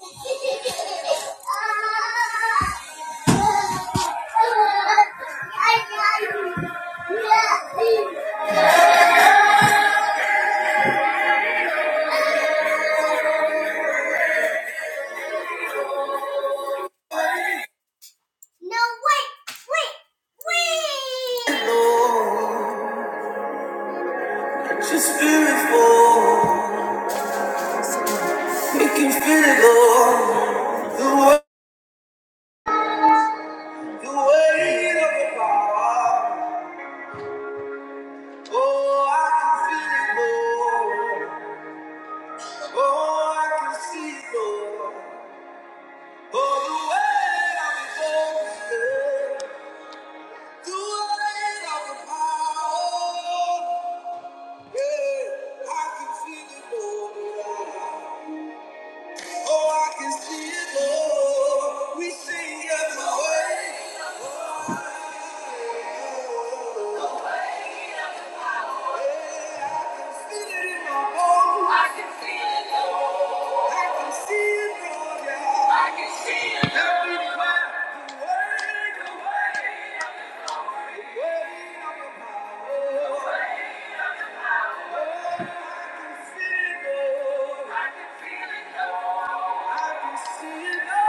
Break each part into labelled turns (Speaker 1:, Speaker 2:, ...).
Speaker 1: No, wait, wait, wait. fall. We can feel it, Lord. The weight, the weight of your power. Oh, I can feel it, Lord. Oh, I can see it, Lord. Oh, the weight of your glory. The weight of the power, yeah, I can feel it, Lord. Oh, I can see it, Lord. We sing at the I can feel it in my bones. I can feel it, Lord. I can see it, Lord, yeah. I can see it, Oh, I can feel it, Lord. See it all.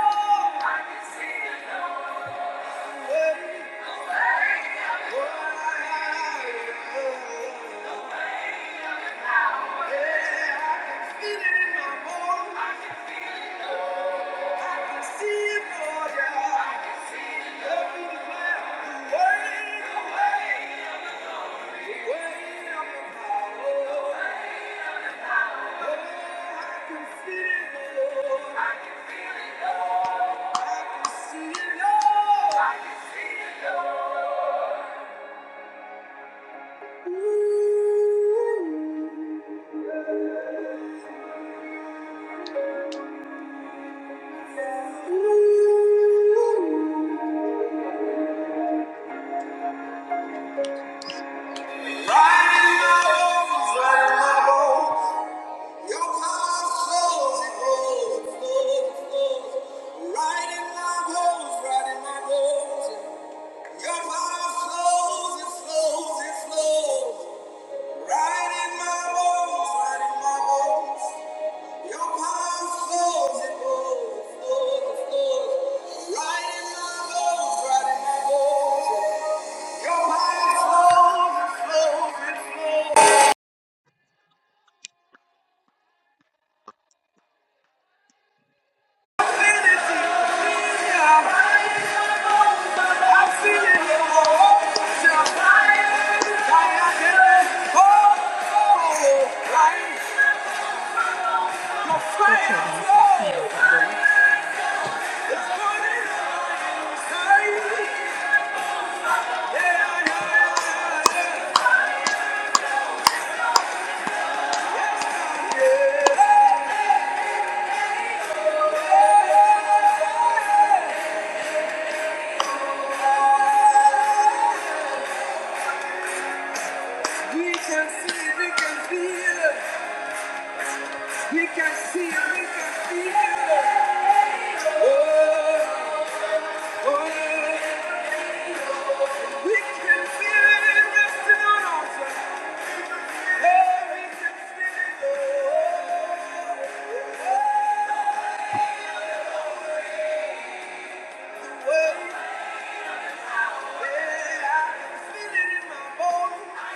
Speaker 1: Ooh. Right in my bones, right in my bones. Your power flows, it flows, it flows, it flows. Right my bones, right my bones. Your power flows, it flows, it flows. I feel it, I feel it. I feel it. Oh, fire, fire, yeah. Oh, oh, right. Fire flows. It's burning. Yeah, yeah, yeah, yeah. We can see, we can feel it. We can see, we can feel it. Oh, oh. We can feel it resting on us. Hey, we can feel it. Oh, oh, yeah. I can feel it in my bones.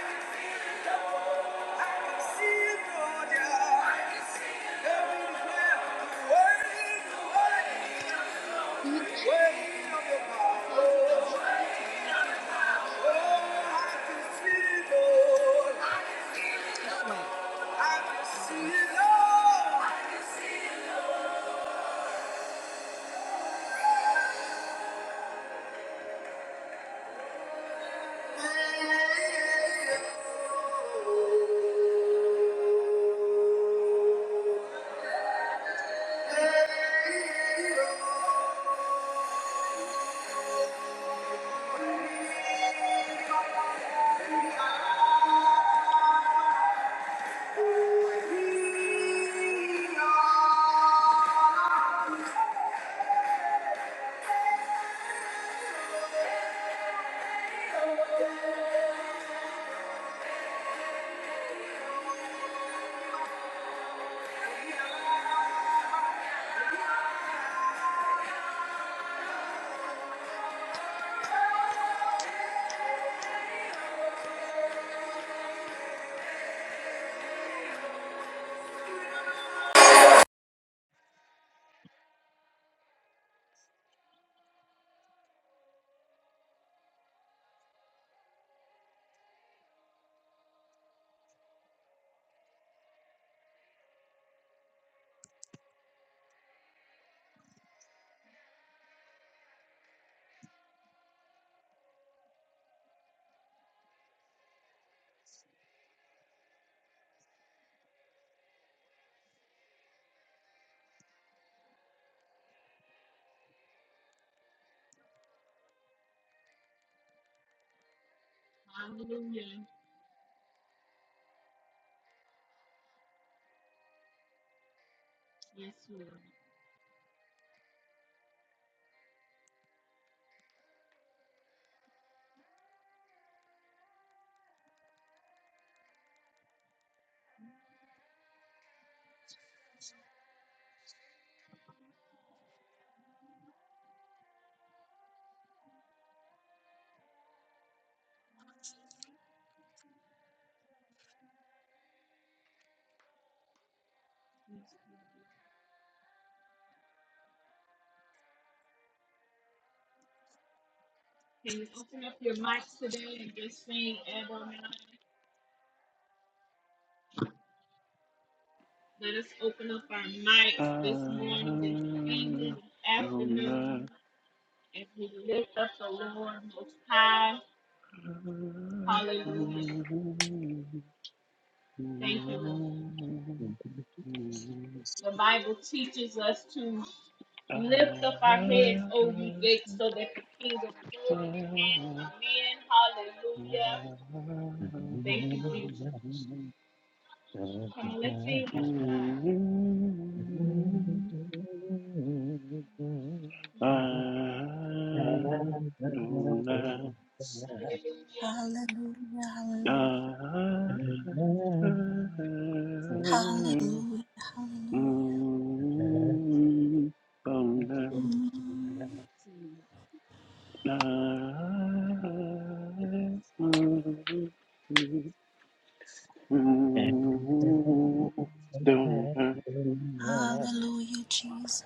Speaker 1: I can see it, Lord, yeah. I can see it. Every the weight, the weight, the weight of your power.
Speaker 2: I don't like I don't like I
Speaker 3: Hallelujah, hallelujah, hallelujah, hallelujah,
Speaker 4: Thank
Speaker 2: don't like
Speaker 3: Mm.
Speaker 2: To
Speaker 3: hallelujah, Jesus.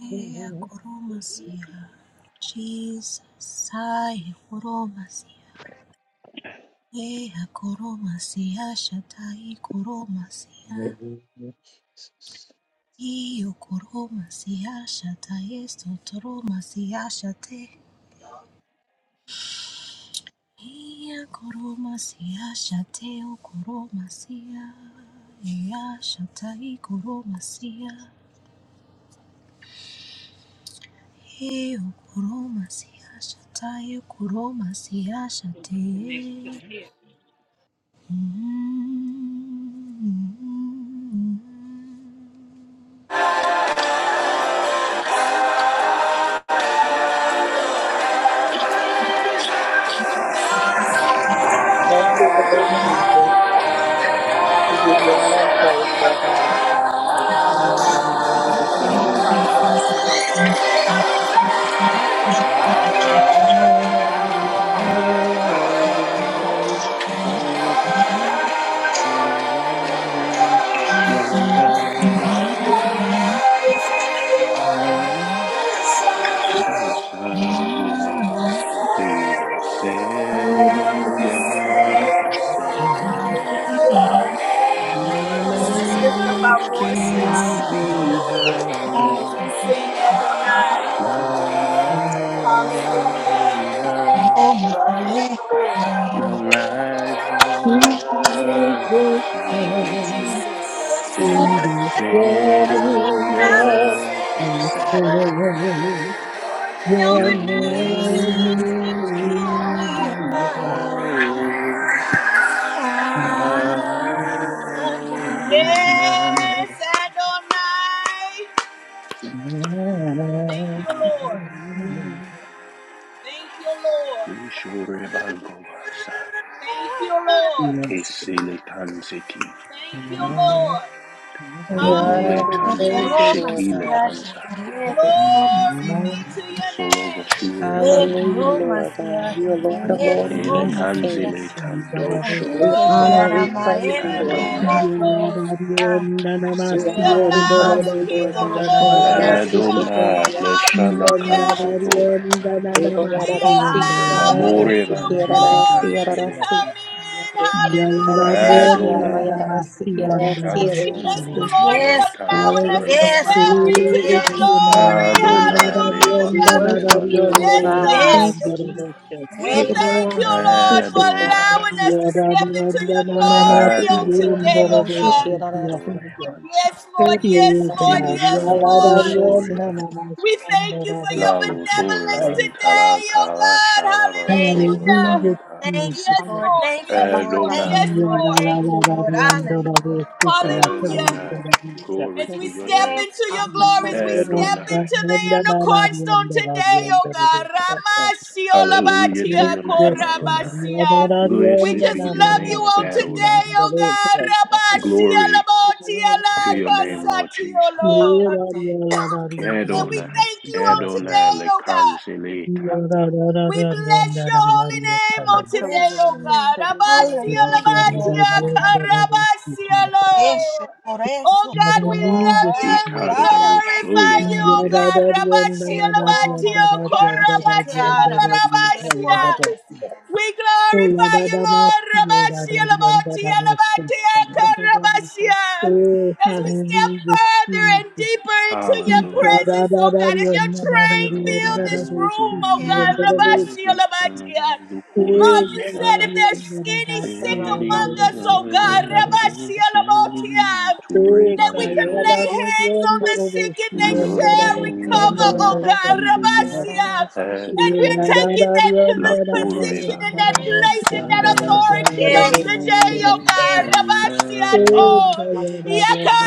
Speaker 3: Ea koromasia, Jesus, ai koromasia, ea koromasia, shatai koromasia, io koromasia, shatai estotoromasia, shate, ea koromasia, shateo koromasia, ea shatai koromasia. He okuroma siashataye kuroma siashate.
Speaker 5: Thank you, Lord Jesus. We give you honor and praise, Lord God.
Speaker 2: The sun to the setting of the
Speaker 4: you.
Speaker 2: same.
Speaker 4: Your
Speaker 2: Your
Speaker 1: Let's
Speaker 4: name
Speaker 2: name
Speaker 1: lift up
Speaker 2: is
Speaker 1: our voices.
Speaker 2: to
Speaker 4: is to
Speaker 2: be
Speaker 4: be praised.
Speaker 2: hallowed. Adonai, the rising of the sun to the setting of the same.
Speaker 3: Your
Speaker 2: Your
Speaker 3: name
Speaker 2: name
Speaker 3: is
Speaker 2: is to be
Speaker 3: Yubio.
Speaker 2: hallowed.
Speaker 3: Adonai.
Speaker 2: Adonai.
Speaker 1: Yes, Adonai. Thank you, Lord. Thank you, Lord.
Speaker 2: Yeshua Bankovasa.
Speaker 1: Thank you, Lord.
Speaker 2: Esele kanseki,
Speaker 1: Thank you, Lord.
Speaker 5: We honor
Speaker 2: lomole
Speaker 3: Hallelujah.
Speaker 5: and we
Speaker 4: Yes.
Speaker 3: Yes,
Speaker 2: kandebe
Speaker 5: praise
Speaker 1: Hallelujah.
Speaker 5: you,
Speaker 3: Jesus.
Speaker 5: Lord
Speaker 2: shekile
Speaker 5: God.
Speaker 3: Yes,
Speaker 2: kansa,
Speaker 3: Lord.
Speaker 5: Jesus.
Speaker 1: Glory be
Speaker 4: Glory
Speaker 1: to your
Speaker 2: solova
Speaker 1: name.
Speaker 2: shure
Speaker 5: Hallelujah,
Speaker 2: vantebele,
Speaker 5: Lord God. You are Lord of lords and
Speaker 2: ele
Speaker 5: Kings of
Speaker 2: kanzele
Speaker 5: Kings.
Speaker 2: tandrosho,
Speaker 5: We honor, we
Speaker 1: Glory be to
Speaker 5: praise you,
Speaker 1: your
Speaker 5: Lord
Speaker 1: name,
Speaker 5: God.
Speaker 1: O
Speaker 2: Adonai,
Speaker 1: Lord.
Speaker 5: We
Speaker 1: We
Speaker 5: honor, we
Speaker 1: allow the
Speaker 5: praise you,
Speaker 1: King
Speaker 5: Lord
Speaker 1: of
Speaker 5: God.
Speaker 1: glory to
Speaker 5: Kumiyarasi,
Speaker 1: come
Speaker 2: Adonai,
Speaker 1: in.
Speaker 2: le
Speaker 5: shikiyamayanasi,
Speaker 2: shala
Speaker 1: Hallelujah.
Speaker 5: kiyarasi.
Speaker 2: kansotore,
Speaker 1: We
Speaker 5: Iboyarasi,
Speaker 1: allow the
Speaker 2: l'amore
Speaker 5: shiyamayanasi,
Speaker 1: King of
Speaker 2: vantele
Speaker 5: kiyarasi,
Speaker 1: glory to
Speaker 2: kansele,
Speaker 5: yarasi.
Speaker 1: come in.
Speaker 5: Yarasi,
Speaker 1: Hallelujah.
Speaker 2: Adonai,
Speaker 5: shiyanamayarasi, kiyarasi,
Speaker 2: shala
Speaker 1: We thank
Speaker 5: yarasi.
Speaker 1: you, Lord,
Speaker 2: shondrosho le
Speaker 1: for allowing us
Speaker 5: Hallelujah,
Speaker 1: to
Speaker 2: kanseleta,
Speaker 3: Yes,
Speaker 5: Lord
Speaker 1: step
Speaker 3: Lord.
Speaker 5: God. We
Speaker 1: into your
Speaker 3: Yes.
Speaker 5: Lord
Speaker 1: glory.
Speaker 5: God.
Speaker 4: to
Speaker 2: Adonai le
Speaker 5: We
Speaker 1: Hallelujah.
Speaker 2: bature
Speaker 5: worship you, Lord
Speaker 1: Yes,
Speaker 2: vantalocora,
Speaker 5: God.
Speaker 1: God.
Speaker 3: Yes,
Speaker 4: your
Speaker 5: Thank you,
Speaker 3: Jesus.
Speaker 5: Jesus.
Speaker 1: We
Speaker 4: name.
Speaker 5: Hey, boy,
Speaker 1: thank
Speaker 5: I'm
Speaker 1: you,
Speaker 5: in a
Speaker 3: Ekoromasia.
Speaker 5: sea,
Speaker 1: Lord, for
Speaker 5: shit, yeah,
Speaker 2: Adonai.
Speaker 5: I'm in a
Speaker 1: allowing
Speaker 5: sea.
Speaker 1: us to
Speaker 4: Hallelujah,
Speaker 1: step into your
Speaker 5: I'm in a
Speaker 1: glory
Speaker 5: sea,
Speaker 1: on
Speaker 5: shit,
Speaker 2: Adonai,
Speaker 5: yeah,
Speaker 1: today,
Speaker 5: I'm in
Speaker 1: oh
Speaker 5: a sea, shit,
Speaker 1: God.
Speaker 5: yeah,
Speaker 2: Lashala,
Speaker 4: Jesus.
Speaker 2: Dore, Vansa,
Speaker 1: Yes,
Speaker 5: I'm
Speaker 1: Lord, yes, Lord, yes,
Speaker 5: in a
Speaker 1: Lord.
Speaker 5: sea.
Speaker 2: Soreva,
Speaker 1: We thank you for your
Speaker 2: Lalo,
Speaker 1: benevolence
Speaker 2: sorevanta
Speaker 1: today, oh
Speaker 2: Talaka, Shalava,
Speaker 3: Thank you,
Speaker 1: God. Hallelujah.
Speaker 3: Lord.
Speaker 2: Sorevanta,
Speaker 3: thank you,
Speaker 1: Yes,
Speaker 3: Lord.
Speaker 6: Amen.
Speaker 1: Lord,
Speaker 3: Thank you,
Speaker 1: yes,
Speaker 6: That's
Speaker 3: Lord.
Speaker 1: Lord,
Speaker 6: probably
Speaker 2: Adonai,
Speaker 3: Thank
Speaker 6: what
Speaker 1: yes,
Speaker 3: you,
Speaker 6: is
Speaker 3: Lord. Thank you,
Speaker 6: distributed in
Speaker 3: Lord.
Speaker 6: my house,
Speaker 3: Hallelujah.
Speaker 1: Lord. Hallelujah.
Speaker 2: Adonai,
Speaker 6: continuous
Speaker 2: glory
Speaker 1: As we
Speaker 2: to
Speaker 6: activity.
Speaker 2: your
Speaker 1: step
Speaker 2: name,
Speaker 3: Yes,
Speaker 1: into your
Speaker 6: Our Father, who
Speaker 1: glories, we
Speaker 6: art
Speaker 1: step
Speaker 2: Adonai,
Speaker 1: into the
Speaker 6: in
Speaker 1: inner
Speaker 6: heaven,
Speaker 1: courts on today, oh God.
Speaker 2: hallelujah to
Speaker 1: Ramasiolabatia
Speaker 2: your name, Adonai.
Speaker 1: korabasia. We
Speaker 2: Blessed
Speaker 1: just
Speaker 2: be the
Speaker 1: love you
Speaker 2: name of
Speaker 1: on
Speaker 2: Adonai,
Speaker 1: today, oh God.
Speaker 4: Yes,
Speaker 2: glory
Speaker 1: Rabasiolabotia
Speaker 6: hallowed
Speaker 2: to your name, Lord
Speaker 1: lakasatia,
Speaker 2: Jesus,
Speaker 1: oh
Speaker 4: Oh,
Speaker 1: Lord.
Speaker 4: hallelujah,
Speaker 1: And we
Speaker 2: Adonai,
Speaker 1: thank you on
Speaker 4: Jesus.
Speaker 2: Adonai,
Speaker 1: today, oh God.
Speaker 2: Lekansele,
Speaker 1: We bless your holy name on today,
Speaker 3: bless
Speaker 1: oh
Speaker 3: you, Lord.
Speaker 1: God.
Speaker 3: Hallelujah, Lord
Speaker 1: Abasialabatia
Speaker 3: God. Yes,
Speaker 1: karabasialo.
Speaker 3: por
Speaker 1: Oh
Speaker 3: eso.
Speaker 1: God, we love you
Speaker 3: Ay,
Speaker 1: and we
Speaker 3: ahora
Speaker 2: Ikandoro,
Speaker 3: más
Speaker 1: glorify you,
Speaker 3: allá.
Speaker 1: oh
Speaker 2: Solitande,
Speaker 1: God.
Speaker 3: Te coro
Speaker 1: Rabasialabatio
Speaker 3: más allá. Se te hará más allá. Coro
Speaker 1: korabasialarabasia.
Speaker 3: más allá.
Speaker 1: We glorify you, Lord. Rabashia, Labotia, Labatia, Karabashia. As we step further and deeper into your
Speaker 2: Hallelujah.
Speaker 1: presence, oh God, as your
Speaker 2: The
Speaker 1: train fill this
Speaker 2: rising of
Speaker 1: room, oh
Speaker 3: Yes,
Speaker 1: God.
Speaker 4: Thank you.
Speaker 1: Rabashia,
Speaker 2: the sun,
Speaker 1: Labatia.
Speaker 2: the
Speaker 1: Lord,
Speaker 4: Hey,
Speaker 1: you
Speaker 2: Croatia,
Speaker 1: said if there's any sick among
Speaker 2: setting
Speaker 1: us,
Speaker 2: of
Speaker 1: oh God,
Speaker 2: the
Speaker 1: Rabashia,
Speaker 2: sun
Speaker 1: Labotia,
Speaker 2: to
Speaker 1: that we
Speaker 2: remind
Speaker 1: can
Speaker 2: you
Speaker 1: lay hands on the sick and they
Speaker 2: your
Speaker 1: shall
Speaker 2: name is
Speaker 5: Hey,
Speaker 1: recover,
Speaker 5: boy,
Speaker 1: oh
Speaker 5: I'm in a
Speaker 2: to
Speaker 5: sea, shit, yeah,
Speaker 1: God.
Speaker 5: I'm in a
Speaker 1: Hallelujah.
Speaker 5: sea,
Speaker 1: And
Speaker 5: yeah,
Speaker 1: we're
Speaker 2: heaven.
Speaker 5: I'm in a sea. Hey, Mayara Sishiki Arara Sishiki Arara
Speaker 1: taking
Speaker 5: Si.
Speaker 1: that
Speaker 2: La
Speaker 1: p- position
Speaker 2: Coreba.
Speaker 1: and that
Speaker 5: Yamana
Speaker 3: yes,
Speaker 1: place and that
Speaker 5: Sishiki Arara
Speaker 1: authority
Speaker 5: Si
Speaker 1: on
Speaker 3: yes,
Speaker 5: Arara
Speaker 1: today,
Speaker 5: Si.
Speaker 1: oh God.
Speaker 3: yes.
Speaker 1: Rabasia
Speaker 2: Hallelujah.
Speaker 1: to.
Speaker 3: Yes.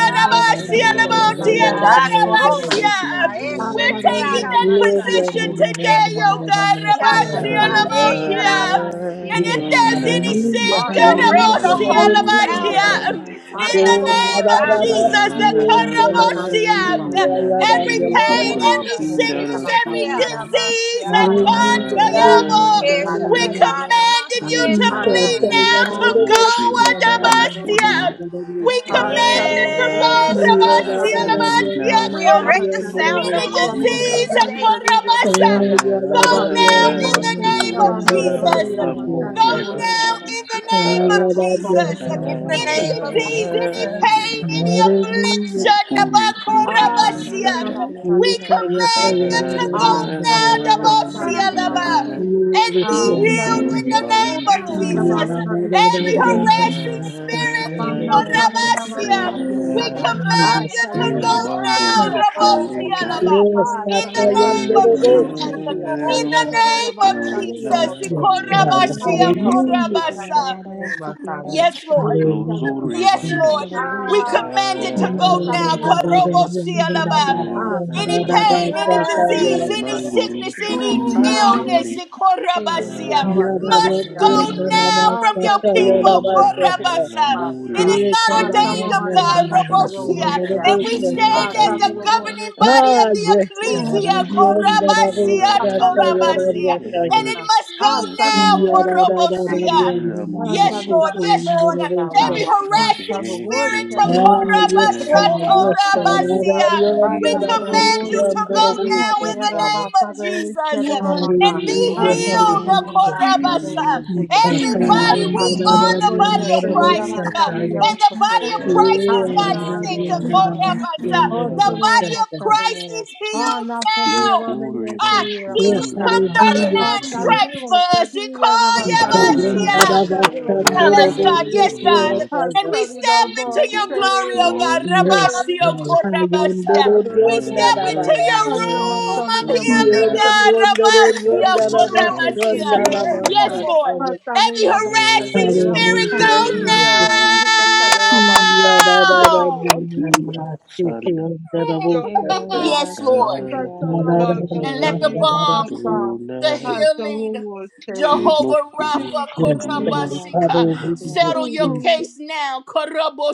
Speaker 5: We
Speaker 3: Ashe
Speaker 5: worship you, O
Speaker 3: koro
Speaker 1: lamoti
Speaker 5: Lord.
Speaker 3: masia,
Speaker 6: be
Speaker 3: a koro
Speaker 1: yakarabasia.
Speaker 3: masia, e
Speaker 5: We
Speaker 1: We're
Speaker 3: shete
Speaker 5: worship you,
Speaker 1: taking
Speaker 5: O
Speaker 3: ara
Speaker 1: that
Speaker 5: Lord. Thank
Speaker 3: masa,
Speaker 5: you,
Speaker 1: position
Speaker 3: e
Speaker 5: Jesus.
Speaker 1: today,
Speaker 2: Hallelujah.
Speaker 1: oh
Speaker 3: koro
Speaker 1: God.
Speaker 6: thy
Speaker 5: Hey
Speaker 3: masia
Speaker 5: boy, la
Speaker 1: Rabasia
Speaker 5: la
Speaker 3: shata,
Speaker 5: la, see,
Speaker 3: e
Speaker 6: name
Speaker 5: shake it, la
Speaker 3: ara
Speaker 5: la
Speaker 1: lamotia.
Speaker 5: la,
Speaker 1: And
Speaker 5: see, la
Speaker 3: masie.
Speaker 1: if
Speaker 4: Yes,
Speaker 5: la la,
Speaker 1: there's
Speaker 6: Ah,
Speaker 1: any
Speaker 5: see.
Speaker 2: Adonai
Speaker 1: sin,
Speaker 4: hallelujah,
Speaker 3: We
Speaker 2: makore
Speaker 5: Hey
Speaker 3: erect the
Speaker 4: hallelujah,
Speaker 5: boy, la
Speaker 2: bandu
Speaker 1: karabosia
Speaker 5: la
Speaker 3: holy
Speaker 5: la, see,
Speaker 4: hallelujah.
Speaker 3: sound
Speaker 5: shake it, la la
Speaker 1: lamotia.
Speaker 3: unto
Speaker 5: la,
Speaker 2: jalatame.
Speaker 3: you
Speaker 5: see, la
Speaker 1: In
Speaker 3: today,
Speaker 5: la
Speaker 1: the
Speaker 4: Oh,
Speaker 5: la, see.
Speaker 1: name
Speaker 3: Lord.
Speaker 1: of
Speaker 5: Thank
Speaker 3: A
Speaker 5: you, Lord
Speaker 3: koro
Speaker 1: Jesus,
Speaker 4: Mararabasti,
Speaker 5: God.
Speaker 1: the
Speaker 3: masia,
Speaker 4: Omdalabasti,
Speaker 5: Hey
Speaker 1: karabosia.
Speaker 5: boy, la la la, see,
Speaker 2: Adonai
Speaker 1: Every
Speaker 5: shake it, la
Speaker 3: o
Speaker 5: la
Speaker 1: pain,
Speaker 4: Iyayarariyasaya.
Speaker 5: la,
Speaker 2: lubore
Speaker 3: koro
Speaker 5: see,
Speaker 1: every
Speaker 5: la la la,
Speaker 3: masia, e
Speaker 1: sickness,
Speaker 5: see.
Speaker 2: shindarasho.
Speaker 1: every
Speaker 3: shete ara
Speaker 1: disease,
Speaker 3: masia,
Speaker 1: I
Speaker 5: Hey boy,
Speaker 3: koro
Speaker 5: la la
Speaker 1: can't
Speaker 5: la,
Speaker 4: Hallelujah,
Speaker 1: tell
Speaker 5: see,
Speaker 1: you
Speaker 3: masia,
Speaker 5: shake it, la
Speaker 1: more.
Speaker 5: la
Speaker 4: hallelujah,
Speaker 3: e
Speaker 5: la, see,
Speaker 3: shata
Speaker 1: We're
Speaker 5: la
Speaker 4: hallelujah.
Speaker 5: la
Speaker 2: Adonai
Speaker 3: ara
Speaker 5: la, see.
Speaker 1: commanding you
Speaker 5: Hey
Speaker 3: masia,
Speaker 1: to
Speaker 5: boy, la la
Speaker 3: koro
Speaker 5: la,
Speaker 1: bleed
Speaker 5: see.
Speaker 1: now,
Speaker 3: masia.
Speaker 1: to go,
Speaker 4: Ikadayandalabosi,
Speaker 2: kamoshin taran
Speaker 1: Adabasia.
Speaker 2: sodura.
Speaker 1: We
Speaker 4: Andalamiriandalabosa.
Speaker 6: Ah,
Speaker 1: command
Speaker 5: Hallelujah,
Speaker 1: you
Speaker 6: shadow of
Speaker 5: Lord
Speaker 1: to
Speaker 6: all
Speaker 1: go,
Speaker 5: God.
Speaker 6: city,
Speaker 3: Yes,
Speaker 5: Thank you,
Speaker 1: Rabasia,
Speaker 5: Jesus.
Speaker 3: Jesus.
Speaker 1: Rabasia,
Speaker 2: Adonai
Speaker 3: We
Speaker 6: Ah,
Speaker 5: Thank
Speaker 3: erect
Speaker 1: Kosi.
Speaker 3: the
Speaker 5: you,
Speaker 2: lemidor
Speaker 5: Lord
Speaker 6: shadow
Speaker 3: sound
Speaker 6: of
Speaker 1: Any
Speaker 3: of
Speaker 6: all
Speaker 4: Iyararariyandalabosa.
Speaker 5: God. You've
Speaker 6: shadow
Speaker 5: been
Speaker 3: holiness
Speaker 1: disease,
Speaker 5: so
Speaker 3: today,
Speaker 5: good.
Speaker 3: Lord.
Speaker 5: Thank you,
Speaker 1: Akorabasa,
Speaker 5: Jesus.
Speaker 1: go
Speaker 6: Ah,
Speaker 1: now
Speaker 6: shadow
Speaker 1: in the
Speaker 2: Nandu
Speaker 5: Hey
Speaker 1: name
Speaker 5: boy, la
Speaker 1: of
Speaker 5: la
Speaker 6: about
Speaker 5: la,
Speaker 6: no
Speaker 5: see,
Speaker 1: Jesus.
Speaker 4: Iyararariyandalabosi,
Speaker 5: shake
Speaker 6: shadow
Speaker 2: la
Speaker 5: it, la la
Speaker 1: Go
Speaker 5: la,
Speaker 2: muri
Speaker 5: see,
Speaker 4: Iyayarariyasaya.
Speaker 5: la
Speaker 1: now
Speaker 2: bando
Speaker 5: la la,
Speaker 1: in
Speaker 5: see.
Speaker 1: the name of
Speaker 2: shakala.
Speaker 5: Eke
Speaker 4: Hallelujah,
Speaker 1: Jesus.
Speaker 3: In the
Speaker 1: Any
Speaker 5: moyararasi
Speaker 3: name of
Speaker 4: hallelujah.
Speaker 1: disease, any
Speaker 5: shoyomararasi
Speaker 2: Nandu
Speaker 3: Jesus.
Speaker 1: pain, any
Speaker 2: na
Speaker 5: shikirararasi.
Speaker 4: Hallelujah,
Speaker 1: affliction.
Speaker 2: mukuri
Speaker 4: Jesus.
Speaker 5: Here
Speaker 2: sinti
Speaker 6: Ah, no, you
Speaker 5: moyarararasi
Speaker 6: have
Speaker 2: sara.
Speaker 1: Nabakorabasian.
Speaker 6: a
Speaker 1: We
Speaker 4: Yes, Lord.
Speaker 5: shiyarararasi
Speaker 1: command you to
Speaker 5: hirararasi.
Speaker 1: go
Speaker 6: Ah,
Speaker 1: now,
Speaker 6: shadow of all
Speaker 2: Nandu
Speaker 5: We
Speaker 6: shadow
Speaker 5: honor
Speaker 2: na
Speaker 5: and
Speaker 1: Dabosialaba,
Speaker 5: we praise you, Lord
Speaker 1: and be
Speaker 5: God.
Speaker 6: Ah, shadow
Speaker 1: healed in
Speaker 2: lusori
Speaker 1: the name of
Speaker 5: We honor and
Speaker 1: Jesus.
Speaker 6: about
Speaker 2: balishindoka.
Speaker 5: we praise
Speaker 6: shadow
Speaker 5: you,
Speaker 6: of
Speaker 1: Every
Speaker 5: Lord
Speaker 2: Na
Speaker 5: God.
Speaker 1: harassing spirit,
Speaker 5: Here
Speaker 6: Panna Kaleya
Speaker 5: moyararasi
Speaker 2: no
Speaker 1: Korabasian,
Speaker 2: na
Speaker 1: we
Speaker 6: Vasakriyada.
Speaker 5: shiyamoyararasi
Speaker 1: command you to
Speaker 5: hirararasi
Speaker 6: Ashareo
Speaker 2: really
Speaker 1: go
Speaker 6: Bose
Speaker 2: bando
Speaker 1: now,
Speaker 5: shiyararasi.
Speaker 2: sholuto
Speaker 6: Vasakriyada.
Speaker 1: Rabosialaba,
Speaker 5: Eke
Speaker 4: Yes,
Speaker 1: in the
Speaker 4: Tata,
Speaker 6: Ashareo
Speaker 5: moyararasi
Speaker 4: you're
Speaker 1: name of
Speaker 4: the
Speaker 6: Vasakriyada.
Speaker 4: boss.
Speaker 1: Jesus.
Speaker 5: shikirararasi
Speaker 4: Yes,
Speaker 1: In
Speaker 4: God.
Speaker 1: the
Speaker 5: shirararasi.
Speaker 6: Eshareo
Speaker 1: name of Jesus,
Speaker 6: Vasakriyada Vasakriyada.
Speaker 5: Eke
Speaker 1: Korabashia,
Speaker 5: moyararasi
Speaker 6: Ashareo
Speaker 4: Hallelujah.
Speaker 1: Korabasa.
Speaker 6: Vasakriyada
Speaker 5: shikiyamoyararasi
Speaker 6: Vasakriyada.
Speaker 1: Yes,
Speaker 5: hirararasi.
Speaker 1: Lord.
Speaker 4: Hallelujah.
Speaker 6: Eshareo
Speaker 1: Yes,
Speaker 6: Vasakriyada.
Speaker 1: Lord.
Speaker 4: Jesus.
Speaker 5: Hallelujah,
Speaker 1: We
Speaker 6: Ah,
Speaker 1: command
Speaker 5: Jesus.
Speaker 1: it to
Speaker 6: Kriya
Speaker 1: go now.
Speaker 6: Vasakriyada
Speaker 1: Karobo
Speaker 6: Vasakriyada.
Speaker 5: Heke mo yarara
Speaker 6: Ah,
Speaker 5: si
Speaker 1: Any
Speaker 5: sheke
Speaker 1: pain,
Speaker 5: yarara na
Speaker 1: any
Speaker 5: si sheke
Speaker 1: disease,
Speaker 6: Vasakriyada
Speaker 1: any
Speaker 5: yarara si
Speaker 1: sickness,
Speaker 5: she yarara
Speaker 1: any
Speaker 5: si.
Speaker 6: Ah.
Speaker 1: illness, eh,
Speaker 5: Hebo
Speaker 1: korabasia,
Speaker 5: yarara si
Speaker 1: must
Speaker 5: sheke
Speaker 1: go
Speaker 6: Yarabastarayara.
Speaker 5: yarara si
Speaker 1: now from
Speaker 5: sheke
Speaker 1: your
Speaker 5: yarara si
Speaker 1: people.
Speaker 5: yebo yarara
Speaker 4: Yes,
Speaker 5: si.
Speaker 1: korabasa.
Speaker 2: L'amore
Speaker 1: It is
Speaker 2: del
Speaker 4: Yes,
Speaker 1: not
Speaker 4: God, I
Speaker 1: ordained
Speaker 4: love
Speaker 2: silenzio,
Speaker 5: Hema
Speaker 1: of
Speaker 4: you, and that
Speaker 1: God,
Speaker 5: yarara
Speaker 4: I
Speaker 5: si
Speaker 4: will stand
Speaker 5: sheke
Speaker 1: Robosia,
Speaker 4: on
Speaker 2: cantore
Speaker 4: the
Speaker 1: and
Speaker 5: yarara
Speaker 4: road,
Speaker 1: we
Speaker 5: si
Speaker 4: yes,
Speaker 5: she
Speaker 2: canzone
Speaker 1: stand
Speaker 4: God.
Speaker 1: as
Speaker 5: yarara
Speaker 1: the
Speaker 2: tu
Speaker 5: si.
Speaker 2: la
Speaker 1: governing
Speaker 2: basta.
Speaker 1: body
Speaker 4: Ah,
Speaker 1: of the
Speaker 4: yes,
Speaker 6: you
Speaker 5: Hebo
Speaker 4: God, I love
Speaker 1: ecclesia,
Speaker 5: yarara
Speaker 2: From
Speaker 5: si
Speaker 4: you, and that
Speaker 5: sheke
Speaker 4: I
Speaker 2: the
Speaker 4: will
Speaker 1: Korabasia,
Speaker 5: yarara si
Speaker 4: stand
Speaker 6: Father,
Speaker 4: on
Speaker 6: the
Speaker 5: sheke
Speaker 4: the road,
Speaker 5: yarara
Speaker 6: Holy
Speaker 2: rising
Speaker 1: Torabasia,
Speaker 4: yes,
Speaker 5: si.
Speaker 6: Spirit.
Speaker 1: and
Speaker 4: God.
Speaker 1: it
Speaker 2: gallery
Speaker 1: must go
Speaker 6: Ah, Son of
Speaker 1: now,
Speaker 6: most
Speaker 4: Yeah, da,
Speaker 2: sun,
Speaker 6: Holy
Speaker 4: da, da, da, da, da,
Speaker 1: Korobosia.
Speaker 6: Master.
Speaker 2: el
Speaker 4: da,
Speaker 2: amo
Speaker 6: Ah,
Speaker 4: da,
Speaker 1: Yes,
Speaker 6: Son of
Speaker 4: shake
Speaker 2: dora
Speaker 6: the
Speaker 1: Lord.
Speaker 4: you,
Speaker 6: most
Speaker 1: Yes,
Speaker 4: and
Speaker 1: Lord.
Speaker 4: that I
Speaker 6: Holy
Speaker 4: will
Speaker 2: to the
Speaker 6: Allah.
Speaker 1: Every
Speaker 4: stand on.
Speaker 6: Ah,
Speaker 1: harassing
Speaker 6: Son of Word,
Speaker 1: spirit,
Speaker 2: setting
Speaker 6: Shadow,
Speaker 4: Ah,
Speaker 6: and
Speaker 2: of
Speaker 4: yes,
Speaker 6: Father, the
Speaker 4: God,
Speaker 2: the
Speaker 6: Master,
Speaker 4: yes, God, I
Speaker 6: Shadow,
Speaker 4: love
Speaker 2: sun,
Speaker 1: Tokorabasatorabasiya,
Speaker 4: you,
Speaker 6: Ah,
Speaker 4: and
Speaker 1: we
Speaker 4: that I
Speaker 2: Libra
Speaker 4: will
Speaker 6: Shadow,
Speaker 1: command
Speaker 4: stand
Speaker 1: you
Speaker 6: Holy
Speaker 4: on
Speaker 1: to
Speaker 2: Budora.
Speaker 4: the
Speaker 1: go
Speaker 6: Spirit,
Speaker 4: road,
Speaker 1: now
Speaker 4: yes,
Speaker 1: in the
Speaker 6: Shadow,
Speaker 1: name
Speaker 4: God.
Speaker 1: of
Speaker 6: Master,
Speaker 1: Jesus
Speaker 6: Shadow,
Speaker 3: Lord
Speaker 2: Your
Speaker 1: and
Speaker 6: Ramana.
Speaker 1: be
Speaker 6: Ah,
Speaker 4: Hallelujah,
Speaker 6: Son of
Speaker 1: healed,
Speaker 6: the
Speaker 2: name
Speaker 6: Monday,
Speaker 2: is
Speaker 4: hallelujah.
Speaker 6: Ah, Shadow, Word,
Speaker 2: to
Speaker 1: Tokorabasa.
Speaker 4: Yeah,
Speaker 2: be
Speaker 4: God, I
Speaker 3: Jesus.
Speaker 6: Shadow,
Speaker 1: Everybody,
Speaker 4: love you,
Speaker 1: we
Speaker 6: Ah, Son
Speaker 1: are
Speaker 6: of
Speaker 1: the
Speaker 2: hallowed,
Speaker 6: Holy
Speaker 2: amo
Speaker 4: and
Speaker 1: body of
Speaker 4: that I
Speaker 6: Spirit,
Speaker 4: will
Speaker 1: Christ.
Speaker 2: sore
Speaker 4: stand
Speaker 6: Master,
Speaker 4: on.
Speaker 2: bere
Speaker 1: And
Speaker 6: Young
Speaker 1: the body of
Speaker 6: Potato.
Speaker 4: Yes,
Speaker 2: la
Speaker 1: Christ
Speaker 6: Ah,
Speaker 1: is
Speaker 6: Son
Speaker 1: not
Speaker 6: of
Speaker 1: sick,
Speaker 6: Allah, Master,
Speaker 1: Tokorabasa.
Speaker 6: Oh,
Speaker 1: The
Speaker 2: luna.
Speaker 6: Shadow,
Speaker 1: body of Christ
Speaker 6: Master,
Speaker 1: is healed
Speaker 6: Hallelujah.
Speaker 1: now.
Speaker 2: Locura man
Speaker 1: Ah, Jesus
Speaker 2: sudur
Speaker 1: took
Speaker 2: man
Speaker 4: hallelujah.
Speaker 1: 39
Speaker 2: salanta.
Speaker 3: Hallelujah.
Speaker 1: stripes for us. He called
Speaker 4: Yes, hallelujah.
Speaker 1: Yes, God.
Speaker 3: Hallelujah.
Speaker 1: Yes, God. And we step into your glory, oh God. Rabasio korabasia.
Speaker 3: Hallelujah.
Speaker 1: We step into
Speaker 3: In the name
Speaker 1: your room of healing,
Speaker 3: of
Speaker 1: God. Rabasio
Speaker 3: Jesus.
Speaker 1: korabasia. Yes, Lord. Every harassing spirit go
Speaker 6: You're
Speaker 5: Hebo
Speaker 1: now.
Speaker 6: my
Speaker 5: yarara
Speaker 1: Yes,
Speaker 5: si
Speaker 1: Lord.
Speaker 5: sheke
Speaker 6: sunshine,
Speaker 5: yarara
Speaker 6: my
Speaker 5: si
Speaker 1: And
Speaker 5: sheke
Speaker 1: let the
Speaker 6: sunshine,
Speaker 5: yarara si.
Speaker 6: my
Speaker 1: balm,
Speaker 6: sunshine.
Speaker 1: the
Speaker 6: I
Speaker 1: healing,
Speaker 6: love you,
Speaker 1: Jehovah Rapha
Speaker 4: Yes,
Speaker 5: Hebo
Speaker 4: God,
Speaker 5: yarara
Speaker 1: Korabasika,
Speaker 5: si
Speaker 4: Father. we
Speaker 5: sheke
Speaker 4: Hallelujah,
Speaker 1: settle
Speaker 5: yarara
Speaker 1: your
Speaker 5: si.
Speaker 4: Jesus.
Speaker 1: case now.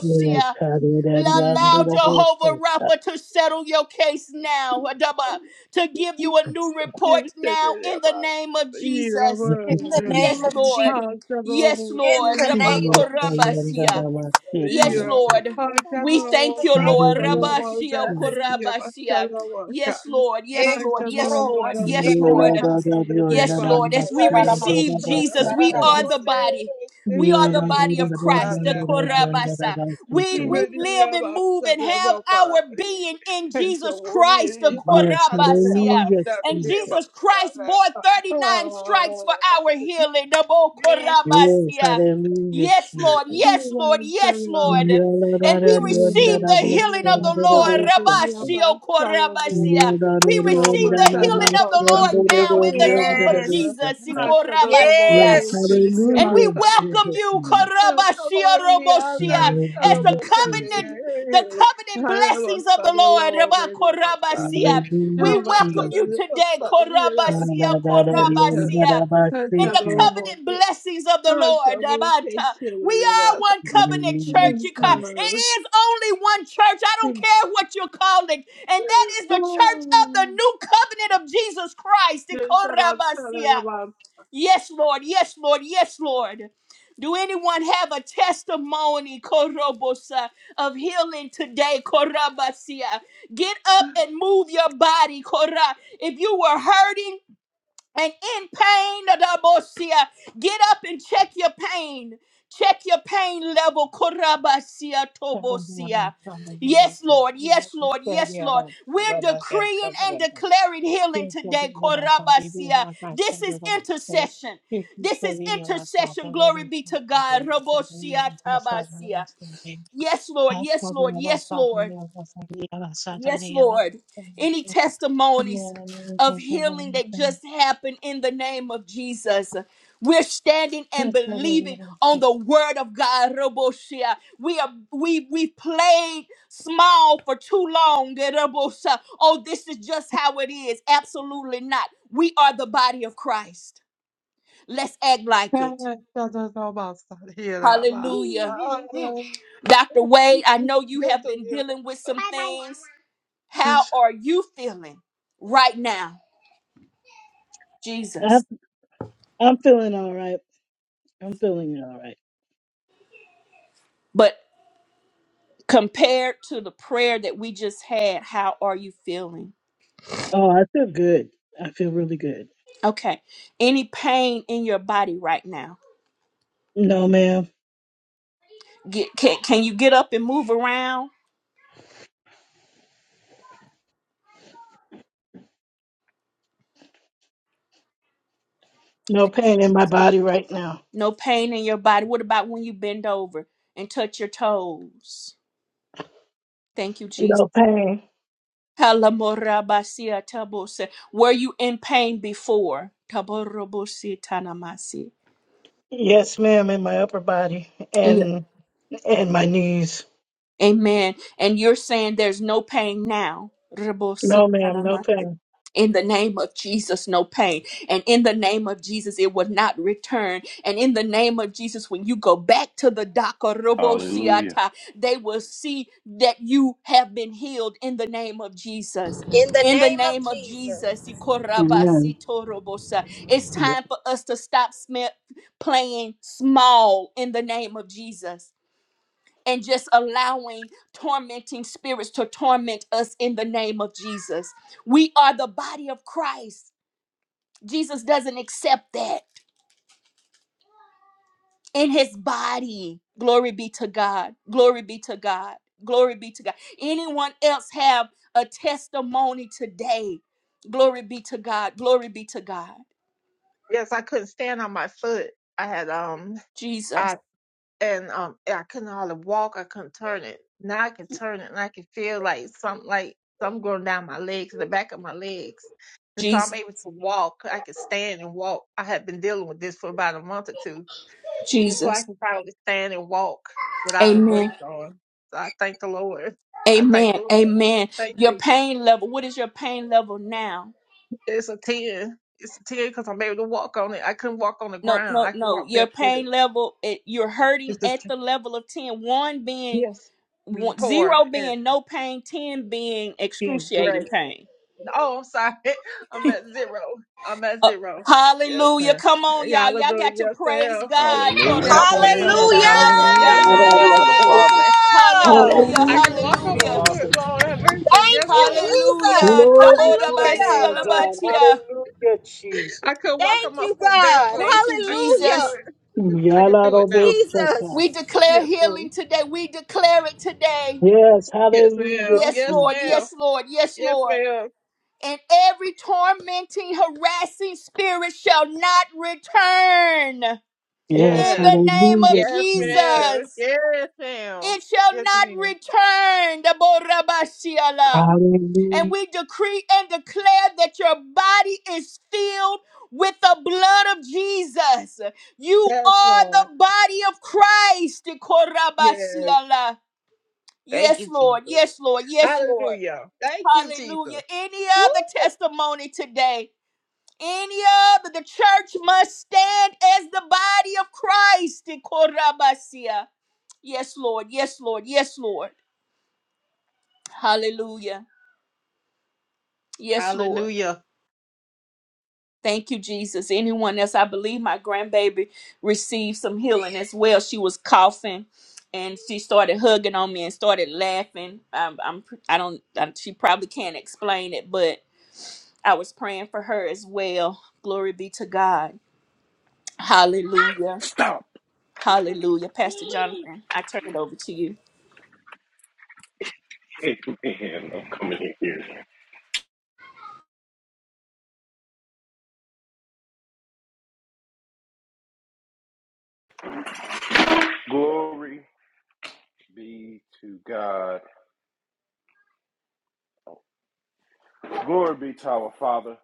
Speaker 4: Yes, Father. Daddy, I'm
Speaker 1: Allow
Speaker 4: gonna work
Speaker 1: Jehovah
Speaker 4: it.
Speaker 1: Rapha to settle your case now, Adaba, to give you a new
Speaker 4: Yes, God.
Speaker 1: report now
Speaker 6: my
Speaker 1: in the name of Jesus.
Speaker 4: Thank
Speaker 3: In
Speaker 4: you,
Speaker 3: the
Speaker 6: sunshine.
Speaker 1: Yes,
Speaker 3: name
Speaker 4: Jesus.
Speaker 3: of Jesus.
Speaker 1: Lord. Yes,
Speaker 6: Hallelujah.
Speaker 3: In
Speaker 1: Lord. Rabba
Speaker 4: Yes, Father. And that
Speaker 1: Korabasia.
Speaker 4: I must get
Speaker 1: Yes,
Speaker 4: you.
Speaker 1: Lord. We thank
Speaker 3: the
Speaker 1: you,
Speaker 3: name
Speaker 4: Father,
Speaker 1: Lord.
Speaker 3: of
Speaker 4: we
Speaker 1: Rabashia
Speaker 3: Jesus.
Speaker 4: Hallelujah, Jesus.
Speaker 1: Korabasia. Yes, Lord. Yes,
Speaker 3: Esto
Speaker 1: Lord. Yes,
Speaker 3: toro
Speaker 1: Lord.
Speaker 3: masi
Speaker 1: Yes,
Speaker 4: you. la,
Speaker 3: ekoro
Speaker 4: da,
Speaker 1: Lord.
Speaker 4: da,
Speaker 3: masa.
Speaker 4: da, you.
Speaker 1: Yes,
Speaker 4: da,
Speaker 1: Lord. As
Speaker 4: must
Speaker 1: we
Speaker 4: get
Speaker 3: Itarara
Speaker 4: it. you. da,
Speaker 1: receive
Speaker 3: masi
Speaker 4: da,
Speaker 1: Jesus, we
Speaker 4: da, da,
Speaker 3: esarara
Speaker 1: are
Speaker 4: you.
Speaker 1: the
Speaker 3: masi.
Speaker 1: body. We are
Speaker 4: Yeah,
Speaker 1: the
Speaker 4: la, da,
Speaker 1: body of
Speaker 4: da,
Speaker 1: Christ, the
Speaker 4: you. da, da, da, da, you.
Speaker 1: Korabasa.
Speaker 4: da, da,
Speaker 1: We
Speaker 4: da,
Speaker 1: we
Speaker 4: da.
Speaker 1: live and move and have our being in Jesus Christ, the
Speaker 4: Yes,
Speaker 1: Korabasia.
Speaker 4: hallelujah,
Speaker 1: And
Speaker 4: Jesus.
Speaker 1: Jesus Christ bore 39 stripes for our healing, the Bo
Speaker 3: Yes,
Speaker 4: Yes,
Speaker 1: Korabasia.
Speaker 4: hallelujah,
Speaker 1: Yes,
Speaker 4: Jesus.
Speaker 1: Lord. Yes, Lord. Yes, Lord.
Speaker 4: Yes,
Speaker 1: And we
Speaker 4: hallelujah,
Speaker 1: receive
Speaker 6: Yes,
Speaker 1: the healing of the Lord. Rabashio korabasia. We receive the healing of the Lord now in the name of
Speaker 3: yes,
Speaker 1: Jesus.
Speaker 3: Jesus.
Speaker 1: Ikorabasia.
Speaker 3: yes, Jesus.
Speaker 1: And we
Speaker 4: in
Speaker 1: welcome
Speaker 4: Jesus'
Speaker 1: you,
Speaker 4: name.
Speaker 1: Karabashia Roboshia,
Speaker 4: Hallelujah,
Speaker 1: as the
Speaker 4: Jesus.
Speaker 1: covenant, the covenant blessings of the Lord. Rabba Korabasia.
Speaker 4: Hallelujah,
Speaker 1: We welcome you
Speaker 4: Jesus.
Speaker 1: today, Korabasia,
Speaker 4: Hallelujah,
Speaker 1: Korabasia. In the covenant blessings of the Lord. Rabata. We are one covenant church. you ca-
Speaker 4: Jesus.
Speaker 1: It is only one church. I don't care what you call it. And that is the church of the new covenant of Jesus Christ.
Speaker 6: Thank
Speaker 1: Korabasia. Yes, Lord. Yes, Lord. Yes, Lord. Do anyone have a testimony, Korobosa, of healing today, Korabasia? Get up and move your body, Korah. If you were hurting, and in pain, Adabosia, get up and check your pain. Check your pain level. Korabasia tobosia. Yes, Lord. Yes, Lord. Yes, Lord. We're decreeing and declaring healing today. Korabasia. This is intercession. This is intercession. Glory be to God. Robosia tabasia.
Speaker 6: you.
Speaker 1: Yes, Lord. Yes, Lord. Yes, Lord. Yes, Lord. Any testimonies of healing that just happened in the name of Jesus. We're standing and believing on the word of God, Roboshia. We are we we played small for too long, Roboshia. Oh, this is just how it is. Absolutely not. We are the body of Christ. Let's act like it.
Speaker 6: Yes,
Speaker 1: Hallelujah. Dr. Wade, I know you have been dealing with some things. How are you feeling right now,
Speaker 4: I'm
Speaker 1: Jesus?
Speaker 4: I'm feeling all right. I'm feeling all right.
Speaker 1: But compared to the prayer that we just had, how are you feeling?
Speaker 4: Oh, I feel good. I feel really good.
Speaker 1: Okay. Any pain in your body right now?
Speaker 4: No, ma'am.
Speaker 1: Get, can, can you get up and move around?
Speaker 4: No
Speaker 1: Thank you.
Speaker 4: pain in my body right now.
Speaker 1: No pain in your body. What about when you bend over and touch your toes? Thank you, Jesus.
Speaker 4: No pain.
Speaker 1: Kalamorabasia tabose. Were you in pain before? Taborobosita namasi.
Speaker 4: Yes, ma'am, in my upper body and and my knees.
Speaker 1: Amen. And you're saying there's no pain now.
Speaker 4: No, ma'am, no
Speaker 1: Rebosi-kanamase.
Speaker 4: pain.
Speaker 1: In the name of Jesus, no pain. And in the name of Jesus, it will not return. And in the name of Jesus, when you go back to the doctor,
Speaker 2: Hallelujah.
Speaker 1: Robosiata, they will see that you have been healed in the name of Jesus.
Speaker 3: In the
Speaker 1: In the
Speaker 3: name of
Speaker 1: name of
Speaker 3: Jesus.
Speaker 1: Jesus,
Speaker 4: Amen.
Speaker 1: Ikorabasitorobosa. it's time for us to stop sm- playing small in the name of Jesus and just allowing tormenting spirits to torment us in the name of Jesus. We are the body of Christ. Jesus doesn't accept that in his body. Glory be to God. Glory be to God. Glory be to God. Anyone else have a testimony today? Glory be to God. Glory be to God.
Speaker 6: I couldn't stand on my foot. I had um I
Speaker 1: Jesus.
Speaker 6: and um I couldn't hardly walk, I couldn't turn it. Now I can turn it and I can feel like something like something going down my legs, the back of my legs. And so I'm
Speaker 1: Jesus.
Speaker 6: able to walk. I can stand and walk. I have been dealing with this for about a month or two. And so I
Speaker 1: Jesus.
Speaker 6: can probably stand and walk without a
Speaker 1: Amen.
Speaker 6: brace on. So I thank the Lord. I thank the
Speaker 1: Amen.
Speaker 6: Lord.
Speaker 1: Amen.
Speaker 6: Thank
Speaker 1: Your
Speaker 6: you.
Speaker 1: pain level. What is your pain level now?
Speaker 6: It's a 10. It's a 10 because I'm able to walk on it. I couldn't walk on the
Speaker 1: no
Speaker 6: ground.
Speaker 1: no
Speaker 6: I can
Speaker 1: no
Speaker 6: walk
Speaker 1: your
Speaker 6: barefooted.
Speaker 1: pain level it, you're hurting
Speaker 6: It's a
Speaker 1: at
Speaker 6: 10.
Speaker 1: the level of 10 1 being
Speaker 6: Yes. Being
Speaker 1: one,
Speaker 6: poor
Speaker 1: 0
Speaker 6: and
Speaker 1: being no pain 10 being
Speaker 6: being
Speaker 1: excruciating
Speaker 6: great.
Speaker 1: pain
Speaker 6: Oh, I'm sorry. I'm at zero. I'm at
Speaker 1: Uh,
Speaker 6: zero. Yes,
Speaker 1: hallelujah
Speaker 6: ma'am.
Speaker 1: come on y'all
Speaker 6: Y'all are
Speaker 1: y'all
Speaker 6: doing
Speaker 1: got to
Speaker 6: yes,
Speaker 1: praise
Speaker 6: ma'am.
Speaker 1: god
Speaker 2: Hallelujah.
Speaker 6: Yes,
Speaker 5: Praise the
Speaker 1: Torobo
Speaker 6: ma'am.
Speaker 5: Lord.
Speaker 3: Hallelujah.
Speaker 6: Hallelujah.
Speaker 5: Hallelujah.
Speaker 2: Glory
Speaker 6: It's
Speaker 2: be
Speaker 6: I
Speaker 4: Hallelujah,
Speaker 1: sialamasiatobo.
Speaker 2: to
Speaker 6: don't
Speaker 2: the
Speaker 6: know what
Speaker 2: Father.
Speaker 6: to say.
Speaker 1: hallelujah
Speaker 6: I
Speaker 2: Glory
Speaker 6: can
Speaker 2: be
Speaker 6: walk
Speaker 2: to
Speaker 6: on
Speaker 2: the
Speaker 6: my
Speaker 1: hallelujah
Speaker 2: Father.
Speaker 6: foot,
Speaker 4: Jesus.
Speaker 6: Lord have mercy.
Speaker 3: Thank
Speaker 6: Yes,
Speaker 3: you,
Speaker 6: Lord.
Speaker 3: Jesus.
Speaker 1: hallelujah
Speaker 4: Glory to your
Speaker 6: Thank you,
Speaker 4: name,
Speaker 3: Hallelujah.
Speaker 6: Lord.
Speaker 4: God.
Speaker 1: Dabodabasialabatia.
Speaker 4: Hallelujah, Jesus.
Speaker 6: I could walk on
Speaker 3: Thank
Speaker 6: my
Speaker 3: you,
Speaker 6: foot
Speaker 3: God.
Speaker 6: barefooted.
Speaker 1: thank you
Speaker 6: I could do
Speaker 3: Hallelujah.
Speaker 1: jesus
Speaker 6: it. I could do it now.
Speaker 4: Yalarobosata.
Speaker 1: we
Speaker 3: Jesus.
Speaker 1: declare
Speaker 6: Yes, ma'am.
Speaker 1: healing today we declare it today
Speaker 4: Yes,
Speaker 6: Yes,
Speaker 4: hallelujah,
Speaker 6: ma'am.
Speaker 1: yes
Speaker 6: Yes,
Speaker 1: lord
Speaker 6: ma'am.
Speaker 4: Jesus.
Speaker 1: yes lord yes
Speaker 6: Yes,
Speaker 1: lord
Speaker 6: ma'am.
Speaker 1: and every tormenting, harassing spirit shall not return.
Speaker 4: Yes,
Speaker 1: In
Speaker 6: Yes.
Speaker 1: the name of
Speaker 4: hallelujah,
Speaker 6: Yes,
Speaker 4: Jesus.
Speaker 6: ma'am.
Speaker 1: Jesus,
Speaker 6: Yes, ma'am.
Speaker 1: it shall
Speaker 6: Yes,
Speaker 1: not
Speaker 6: ma'am.
Speaker 1: return. Daborabashiala. And
Speaker 4: Hallelujah.
Speaker 1: we decree and declare that your body is filled with the blood of Jesus. You
Speaker 6: Yes,
Speaker 1: are the
Speaker 6: Lord.
Speaker 1: body of Christ.
Speaker 6: Yes.
Speaker 1: Dekorabashiala.
Speaker 6: Thank
Speaker 1: Yes,
Speaker 6: you,
Speaker 1: Lord.
Speaker 6: Jesus.
Speaker 1: Yes, Lord. Yes, Lord.
Speaker 6: Hallelujah. Thank you,
Speaker 1: Hallelujah.
Speaker 6: Jesus.
Speaker 1: Any
Speaker 6: Woo.
Speaker 1: other testimony today? Any other, the church must stand as the body of Christ. Ikorabasia. Yes, Lord. Yes, Lord. Yes, Lord. Hallelujah. Yes, Lord.
Speaker 6: Hallelujah.
Speaker 1: Thank you, Jesus. Anyone else? I believe my grandbaby received some healing as well. She was coughing and she started hugging on me and started laughing. Um, I'm, I don't, I, she probably can't explain it, but I was praying for her as well. Glory be to God. Hallelujah.
Speaker 2: Stop.
Speaker 1: Hallelujah. Pastor Jonathan, I turn it over to you.
Speaker 2: Amen. I'm coming in here. Glory be to God. Glory be to our Father.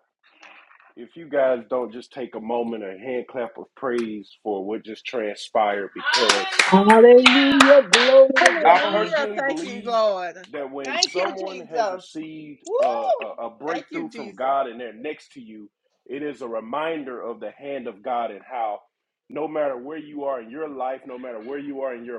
Speaker 2: If you guys don't just take a moment a hand clap of praise for what just transpired, because
Speaker 4: Hallelujah, glory
Speaker 2: I
Speaker 4: to God.
Speaker 6: Hallelujah.
Speaker 2: personally
Speaker 6: Thank you,
Speaker 2: believe
Speaker 6: Lord.
Speaker 2: that when
Speaker 6: Thank you,
Speaker 2: someone has
Speaker 6: Jesus.
Speaker 2: received
Speaker 6: Woo.
Speaker 2: a, a, a
Speaker 6: Thank
Speaker 2: breakthrough
Speaker 6: you,
Speaker 2: from
Speaker 6: Jesus.
Speaker 2: God and they're next to you, it is a reminder of the hand of God and how no matter where you are in your life, no matter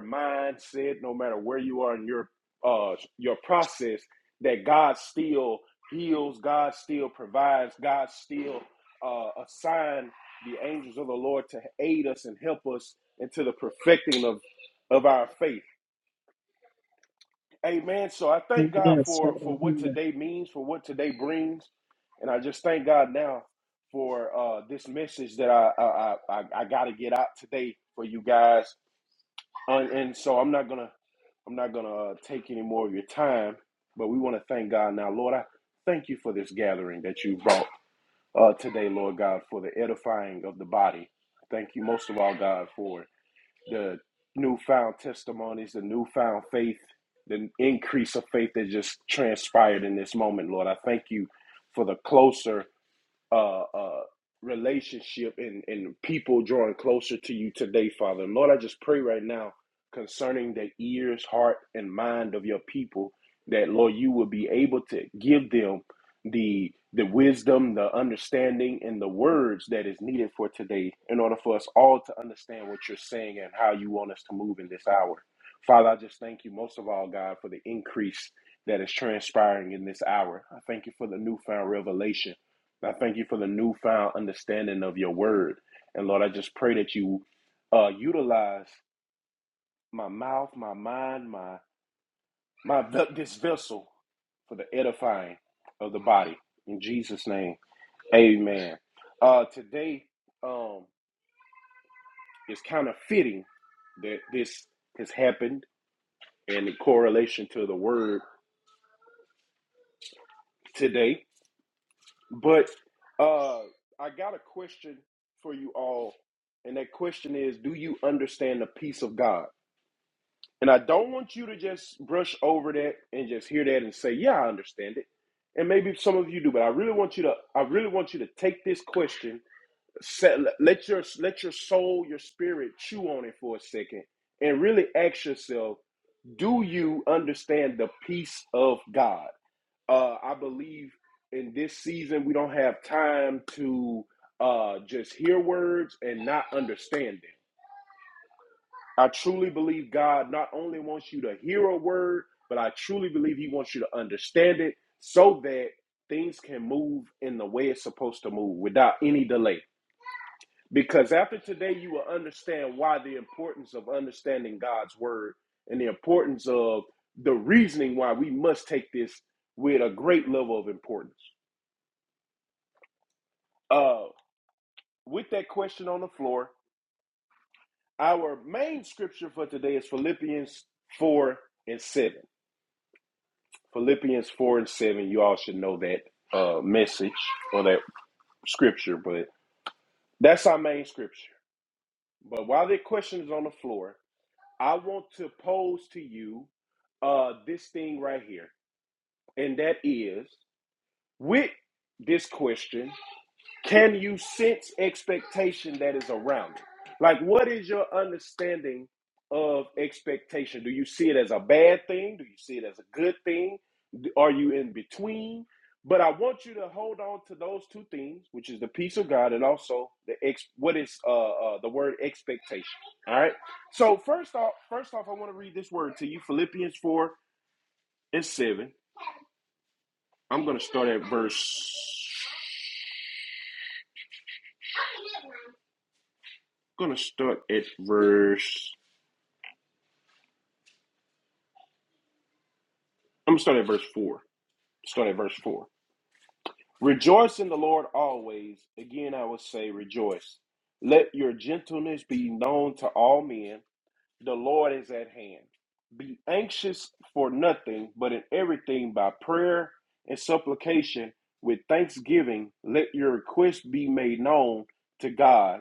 Speaker 2: mindset, where you are in your uh your process, that God still heals, God still provides, God still uh assign the angels of the Lord to aid us and help us into the perfecting of of our faith. Amen. So I thank God
Speaker 4: Yes,
Speaker 2: for for what
Speaker 4: hallelujah.
Speaker 2: today means. Thank God now for uh that I I I, I got to get out today for you guys. I'm gonna I'm not gonna uh, but we want to thank God now, Lord. I thank you for that you brought uh, today. the edifying of the body. Thank you most of all, God, for the newfound testimonies, the newfound faith, the increase of just transpired in this moment, Lord. I thank you for the closer uh, uh, relationship and, and people drawing closer to you today, Father. And Lord, I just pray right now concerning the ears, heart, and mind of your people that, Lord, you will be able to give them the the wisdom, the understanding, and the words that is needed for today in order for us all to understand what you're saying and how you want us to move in this hour. Father, I just thank you most of all, God, for the increase that is transpiring in this hour. I thank you for the newfound revelation I thank you for the newfound understanding of your word. And Lord, I just pray that you uh, utilize my mouth, my mind, my my this vessel for the edifying of the body. In Jesus' name, Amen. Uh, today um, is kind of fitting that this has happened and the correlation today. But uh, I got a question for you all, and that question is: Do you understand the peace of God? And I don't want you to just brush over that and just hear that and say, "Yeah, I understand it." And maybe some of you do, but I really want you to I really want you to take this question, set, let your let your soul, your spirit chew on it for a second and really ask yourself, do you understand the peace of God? Uh, I believe in this season we don't have time to uh, just hear words and not understand them I truly believe God not only wants you to hear a word, but I truly believe He wants you to understand it so that things can move in the way it's supposed to move without any delay. Because after today, you will understand why the importance of understanding God's word and the importance of the reasoning why we must take this with a great level of importance. Uh, with that question on the floor, our main scripture for today is Philippians 4 and 7. Philippians 4 and 7, you all should know that uh, message or that scripture, but that's our main scripture. But while the question is on the floor, I want to pose to you uh, this thing right here. And that is with this question, Can you sense expectation that is around it? Like, what is your understanding of expectation? Do you see it as a bad thing? Do you see it as a good thing? Are you in between? But I want you to hold on to those two things, which is the peace of God and also the ex- what is uh, uh, the word expectation. All right. So first off, first off, I want to read this word to you, Philippians four and seven. I'm gonna start at verse. Gonna start at verse. I'm gonna start at verse four. Start at verse four. Rejoice in the Lord always. Again, I will say, rejoice. Let your gentleness be known to all men. The Lord is at hand. Be anxious for nothing, but in everything by prayer and supplication with thanksgiving, let your requests be made known to God.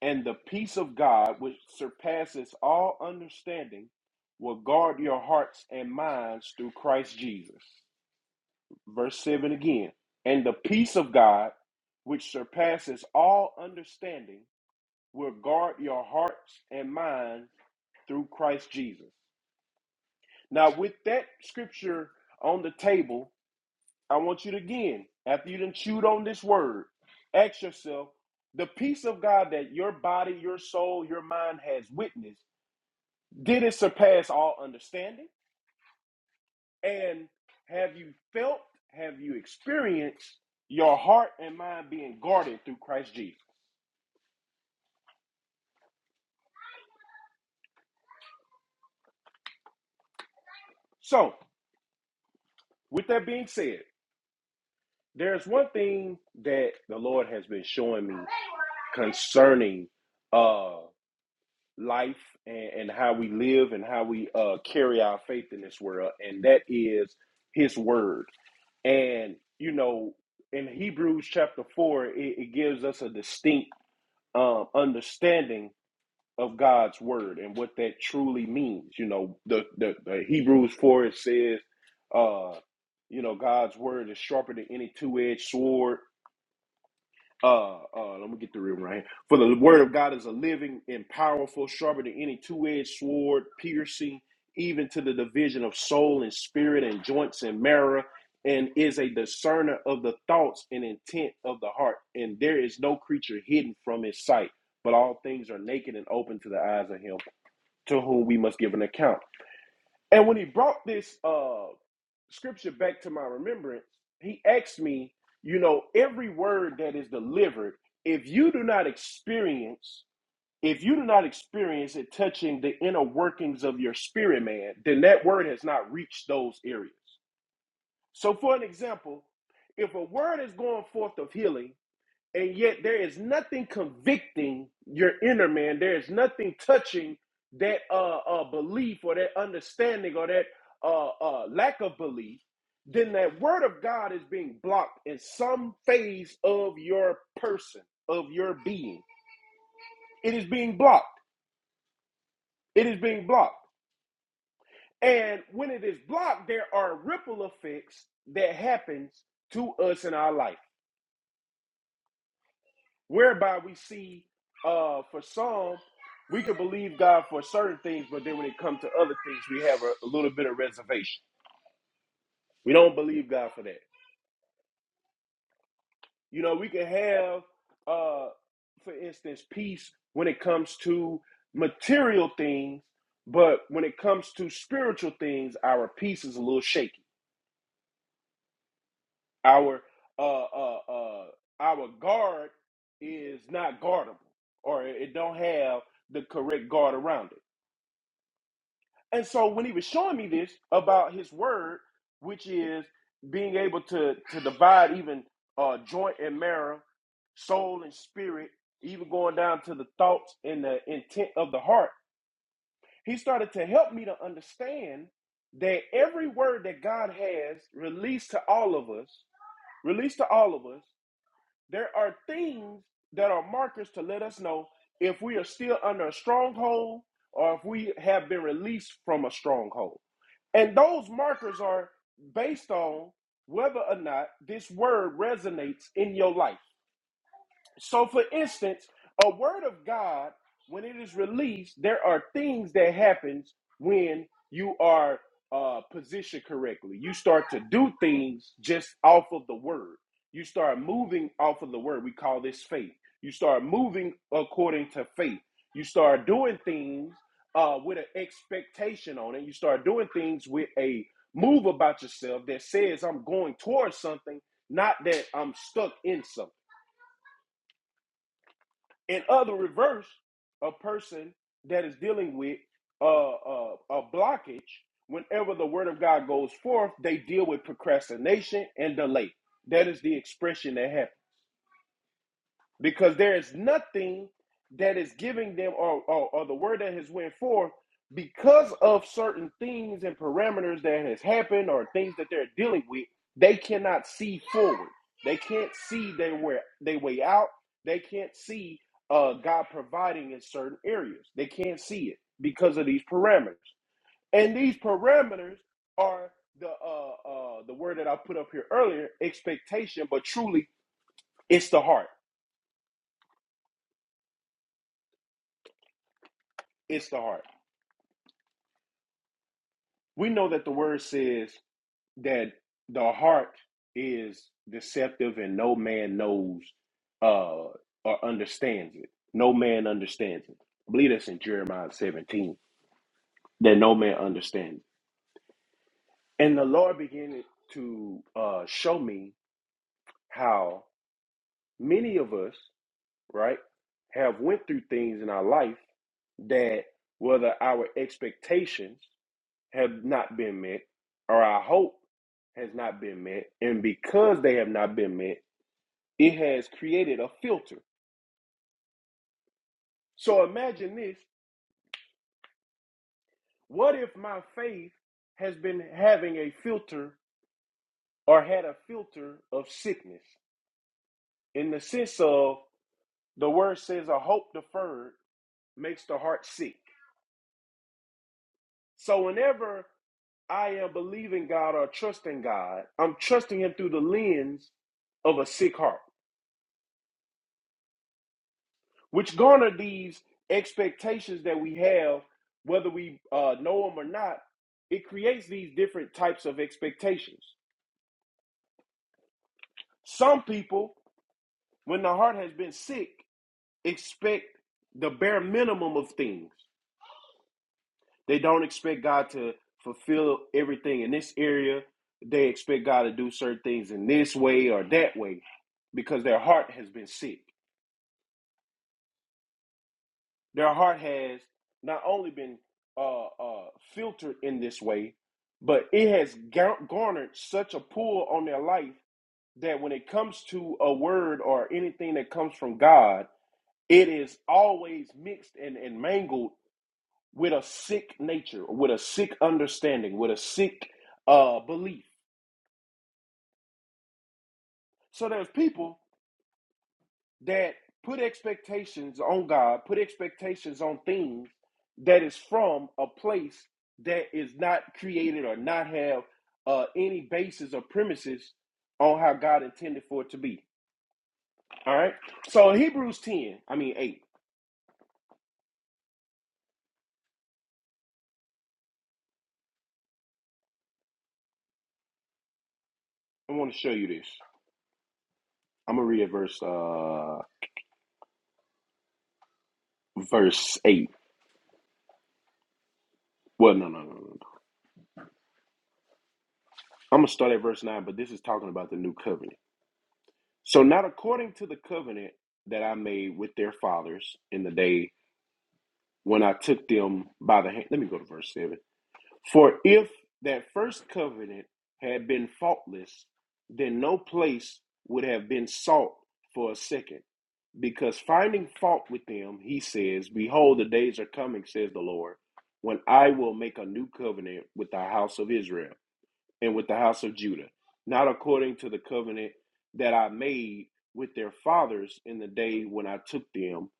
Speaker 2: And the peace of God, which surpasses all understanding, will guard your hearts and minds through Christ Jesus verse 7 again. And the peace of God, which surpasses all understanding, will guard your hearts and minds through Christ Jesus. Now, with that scripture on the table, I want you to again, after you done chewed on this word, ask yourself the peace of God that your body, your soul, your mind has witnessed, did it surpass all understanding? And have you felt, have you experienced your heart and mind being guarded through Christ Jesus? So, with that being said, there's one thing that the Lord has been showing me concerning uh life and, and how we live and how we uh carry our faith in this world, and that is his word. And you know, in Hebrews chapter four, it, it gives us a distinct um understanding of God's word and what that truly means. You know, the the, the Hebrews four it says, uh, you know, God's word is sharper than any two edged sword. Uh, uh, let me get the real right. For the word of God is a living and powerful, sharper than any two edged sword, piercing even to the division of soul and spirit and joints and marrow, and is a discerner of the thoughts and intent of the heart. And there is no creature hidden from his sight, but all things are naked and open to the eyes of him to whom we must give an account. And when he brought this uh, scripture back to my remembrance, he asked me, you know, every word that is delivered, if you do not experience, if you do not experience it touching the inner workings of your spirit, man, then that word has not reached those areas. So, for an example, if a word is going forth of healing, and yet there is nothing convicting your inner man. There is nothing touching that uh, uh, belief or that understanding or that uh, uh, lack of belief. Then that word of God is being blocked in some phase of your person, of your being. It is being blocked. It is being blocked. And when it is blocked, there are ripple effects that happens to us in our life. whereby we see uh for some we can believe God for certain things, but then when it comes to other things, we have a, a little bit of reservation. We don't believe God for that. You know, we can have uh for instance peace when it comes to material things, but when it comes to spiritual things, our peace is a little shaky. Our uh uh uh our guard is not guardable or it don't have the correct guard around it. And so when he was showing me this about his word, which is being able to to divide even uh, joint and marrow, soul and spirit, even going down to the thoughts and the intent of the heart, he started to help me to understand that every word that God has released to all of us, released to all of us, there are things that are markers to let us know if we are still under a stronghold or if we have been released from a stronghold. And those markers are based on whether or not this word resonates in your life. So, for instance, a word of God, when it is released, there are things that happens when you are uh, positioned correctly. You start to do things just off of the word. You start moving off of the word. We call this faith. You start moving according to faith. You start doing things uh, with an expectation on it. You start doing things with a move about yourself that says, I'm going towards something, not that I'm stuck in something. In other reverse, a person that is dealing with uh, uh, a blockage, whenever the word of God goes forth, they deal with procrastination and delay. That is the expression that happens because there is nothing that is giving them or, or, or the word that has went forth because of certain things and parameters that has happened or things that they're dealing with they cannot see forward they can't see their way, their way out they can't see uh, god providing in certain areas they can't see it because of these parameters and these parameters are the uh, uh, the word that i put up here earlier expectation but truly it's the heart it's the heart we know that the word says that the heart is deceptive and no man knows uh or understands it no man understands it i believe that's in jeremiah 17 that no man understands and the lord began to uh show me how many of us right have went through things in our life that whether our expectations have not been met, or our hope has not been met. And because they have not been met, it has created a filter. So imagine this what if my faith has been having a filter or had a filter of sickness in the sense of the word says a hope deferred makes the heart sick. So whenever I am believing God or trusting God, I'm trusting Him through the lens of a sick heart. which garner these expectations that we have, whether we uh, know them or not, it creates these different types of expectations. Some people, when the heart has been sick, expect the bare minimum of things. They don't expect God to fulfill everything in this area. They expect God to do certain things in this way or that way because their heart has been sick. Their heart has not only been uh, uh, filtered in this way, but it has garnered such a pull on their life that when it comes to a word or anything that comes from God, it is always mixed and, and mangled with a sick nature, with a sick understanding, with a sick uh, belief. So there's people that put expectations on God, put expectations on things that is from a place that is not created or not have uh, any basis or premises on how God intended for it to be. All right. So in Hebrews 10, I mean 8, I want to show you this. I'm gonna read verse uh verse 8. Well, no, no, no, no. I'm gonna start at verse 9, but this is talking about the new covenant. So not according to the covenant that I made with their fathers in the day when I took them by the hand. Let me go to verse 7. For if that first covenant had been faultless, then no place would have been sought for a second. Because finding fault with them, he says, Behold, the days are coming, says the Lord, when I will make a new covenant with the house of Israel and with the house of Judah, not according to the covenant that I made with their fathers in the day when I took them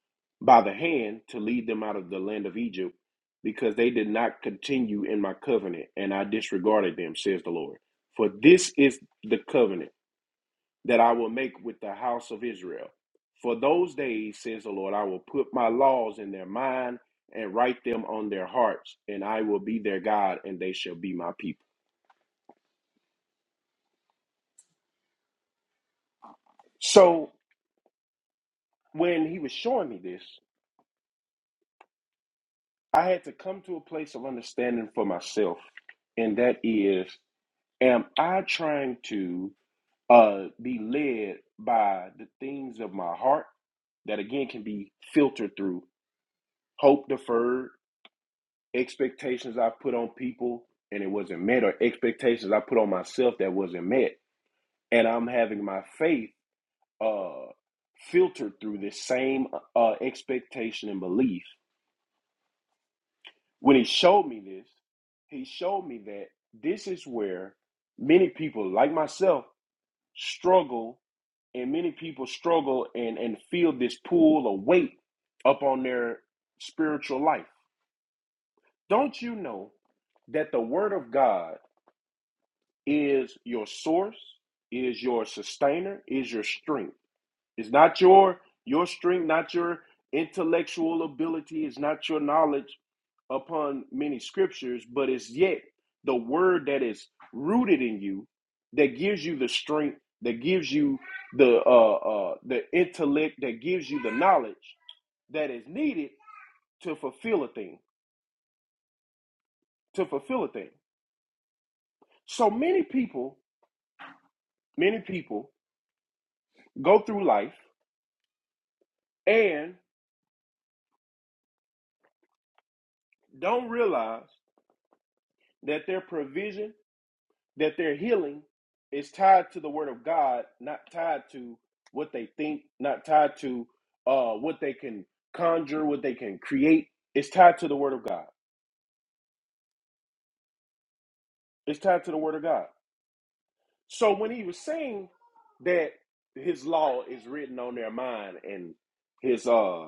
Speaker 2: by the hand to lead them out of the land of Egypt, because they did not continue in my covenant, and I disregarded them, says the Lord. For this is the covenant that I will make with the house of Israel. For those days, says the Lord, I will put my laws in their mind and write them on their hearts, and I will be their God, and they shall be my people. So when he was showing me this, I had to come to a place of understanding for myself, and that is, am I trying to uh, be led by the things of my heart that again can be filtered through hope deferred, expectations I put on people and it wasn't met, or expectations I put on myself that wasn't met, and I'm having my faith uh, filtered through this same uh, expectation and belief When he showed me this, he showed me that this is where many people, like myself, struggle, and many people struggle and, and feel this pull or weight up on their spiritual life. Don't you know that the Word of God is your source, is your sustainer, is your strength? It's not your your strength, not your intellectual ability, it's not your knowledge upon many scriptures, but it's yet the word that is rooted in you that gives you the strength, that gives you the uh, uh, the intellect, that gives you the knowledge that is needed to fulfill a thing. To fulfill a thing. So many people, many people go through life and don't realize that their provision that their healing is tied to the word of God, not tied to what they think, not tied to uh, what they can conjure, what they can create. It's tied to the word of God. It's tied to the word of God. So when he was saying that his law is written on their mind and his uh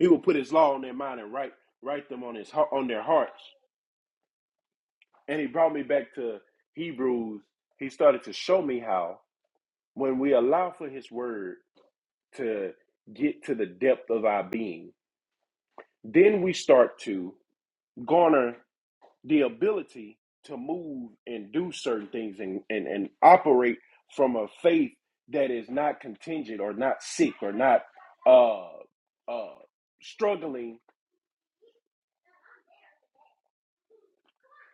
Speaker 2: he will put his law on their mind and write write them on his on their hearts. And he brought me back to Hebrews. He started to show me how when we allow for his word to get to the depth of our being. Then we start to garner the ability to move and do certain things and, and, and operate from a faith that is not contingent or not sick or not uh, uh, struggling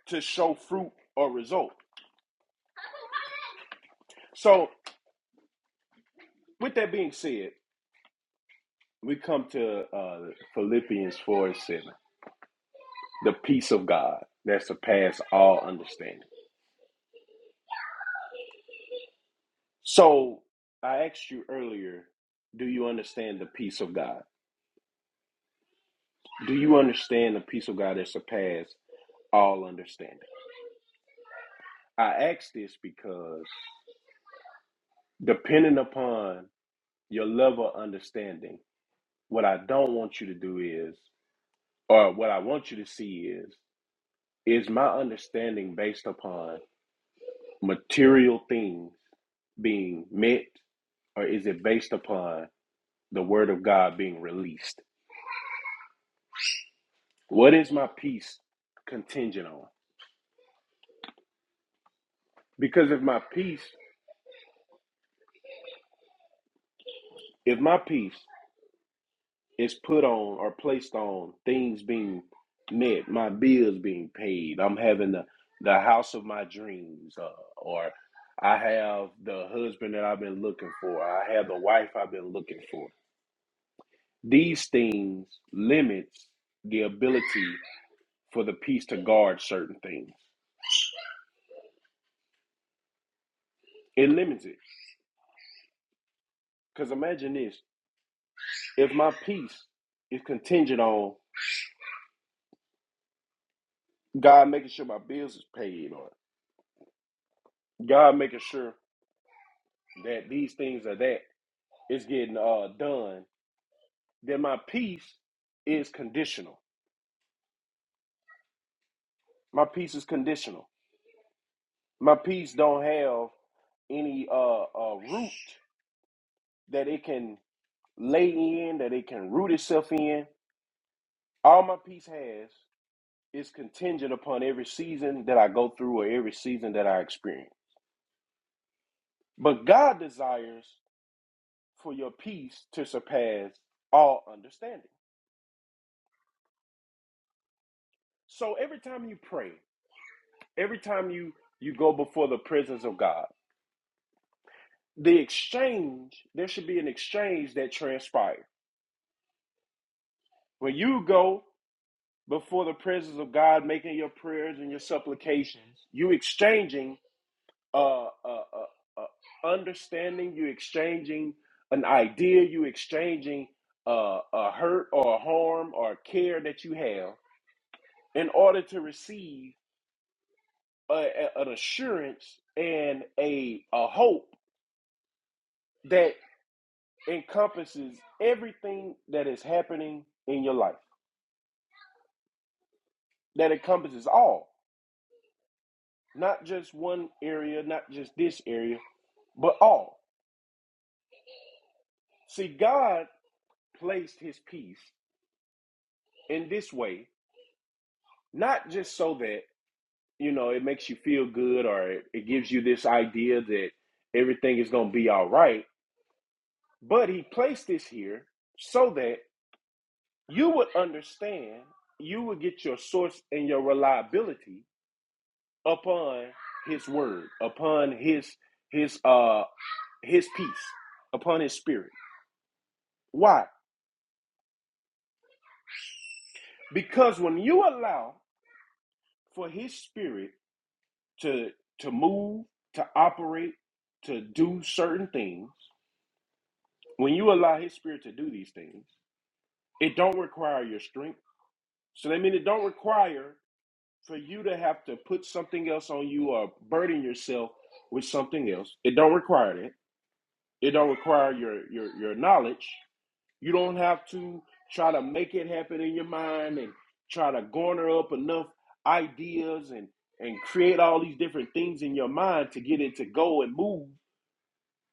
Speaker 2: to show fruit or result. So, with that being said, we come to uh, Philippians 4 and 7, the peace of God that surpasses all understanding So I asked you earlier, do you understand the peace of God? Do you understand the peace of God that surpasses all understanding? I ask this because depending upon your level of understanding, what I don't want you to do is, or what I want you to see is, is my understanding based upon material things being met, or is it based upon the word of God being released? What is my peace contingent on? Because if my peace, if my peace is put on or placed on things being met, my bills being paid, I'm having the, the house of my dreams, uh, or I have the husband that I've been looking for, I have the wife I've been looking for. These things limits the ability for the peace to guard certain things. It limits it. Because imagine this if my peace is contingent on God making sure my bills is paid or God making sure that these things are that is getting uh done, then my peace is conditional. My peace is conditional. My peace don't have any uh, uh root that it can lay in, that it can root itself in. All my peace has is contingent upon every season that I go through or every season that I experience. But God desires for your peace to surpass all understanding. So every time you pray, every time you you go before the presence of God, the exchange there should be an exchange that transpires. When you go before the presence of God, making your prayers and your supplications, you exchanging uh, uh, uh, uh understanding, you exchanging an idea, you exchanging uh, a hurt or a harm or a care that you have in order to receive a, a- an assurance and a a hope that. encompasses everything that is happening in your life. That encompasses all, not just one area, not just this area, but all. See, God placed his peace in this way, not just so that, you know, it makes you feel good or it, it gives you this idea that everything is going to be all right, but he placed this here so that you would understand, you would get your source and your reliability upon his word, upon his his uh his peace, upon his spirit. Why? Because when you allow for his spirit to to move, to operate, to do certain things, when you allow his spirit to do these things, it don't require your strength. So that means it don't require for you to have to put something else on you or burden yourself with something else. It don't require that. It don't require your your your knowledge. You don't have to try to make it happen in your mind and try to garner up enough ideas and and create all these different things in your mind to get it to go and move.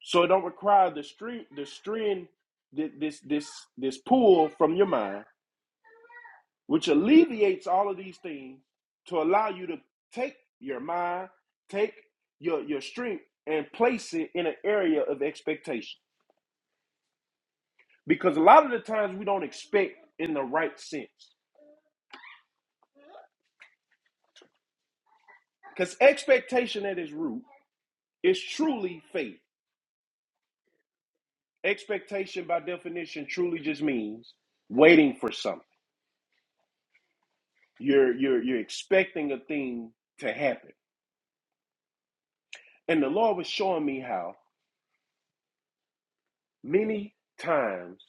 Speaker 2: So it don't require the string, the string, this this this pull from your mind, which alleviates all of these things to allow you to take your mind, take your your strength, and place it in an area of expectation. Because a lot of the times we don't expect in the right sense. Because expectation at its root is truly faith. Expectation by definition truly just means waiting for something. You're you're you're expecting a thing to happen. And the Lord was showing me how many times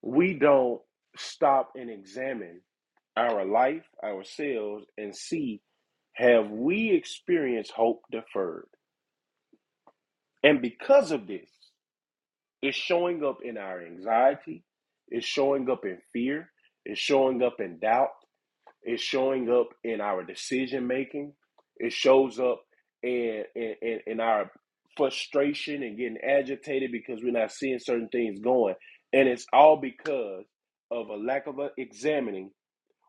Speaker 2: we don't stop and examine our life, ourselves, and see have we experienced hope deferred? And because of this, It's showing up in our anxiety. It's showing up in fear. It's showing up in doubt. It's showing up in our decision making. It shows up in, in, in our frustration and getting agitated because we're not seeing certain things going. And it is of examining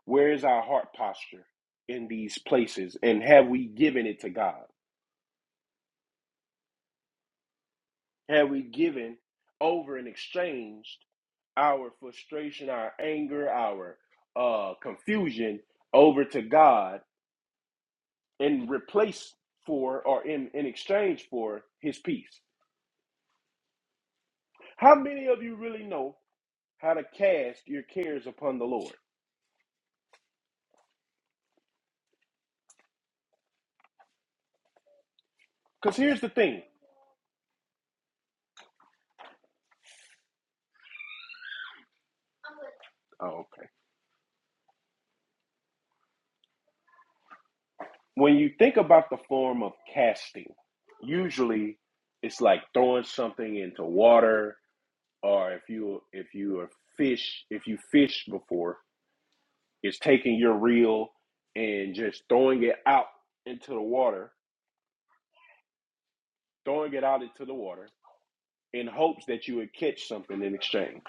Speaker 2: where is our heart posture in these places and have we given it to God? Have we given over in exchange? our frustration, our anger, our uh, confusion over to God and replace for or in, in exchange for his peace. How many of you really know how to cast your cares upon the Lord? Because here's the thing. Oh, okay. When you think about the form of casting, usually it's like throwing something into water, or if you if you are fish, if you fish before, is taking your reel and just throwing it out into the water, throwing it out into the water in hopes that you would catch something in exchange.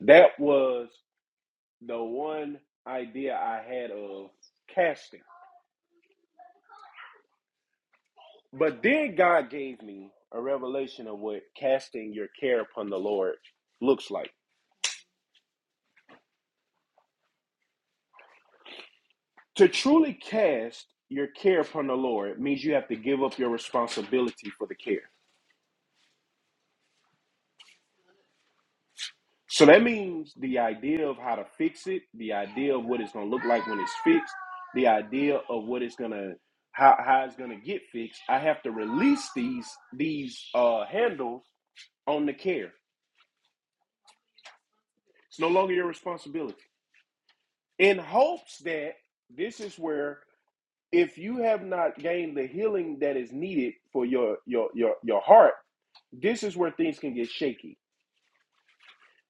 Speaker 2: That was the one idea I had of casting. But then God gave me a revelation of what casting your care upon the Lord looks like. To truly cast your care upon the Lord means you have to give up your responsibility for the care. So that means the idea of how to fix it, the idea of what it's gonna look like when it's fixed, the idea of what it's gonna how, how it's gonna get fixed. I have to release these these uh, handles on the care. It's no longer your responsibility. In hopes that this is where if you have not gained the healing that is needed for your your your your heart, this is where things can get shaky.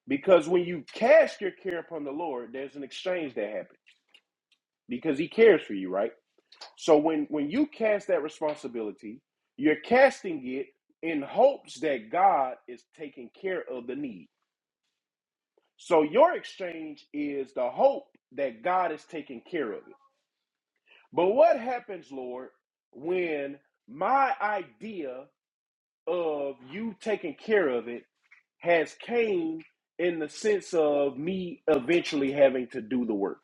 Speaker 2: Because when you cast your care upon the Lord, there's an exchange that happens because He cares for you, right? So when when you cast that responsibility, you're casting it in hopes that God is taking care of the need. So your exchange is the hope that God is taking care of it. But what happens, Lord, when my idea of you taking care of it has came in the sense of me eventually having to do the work?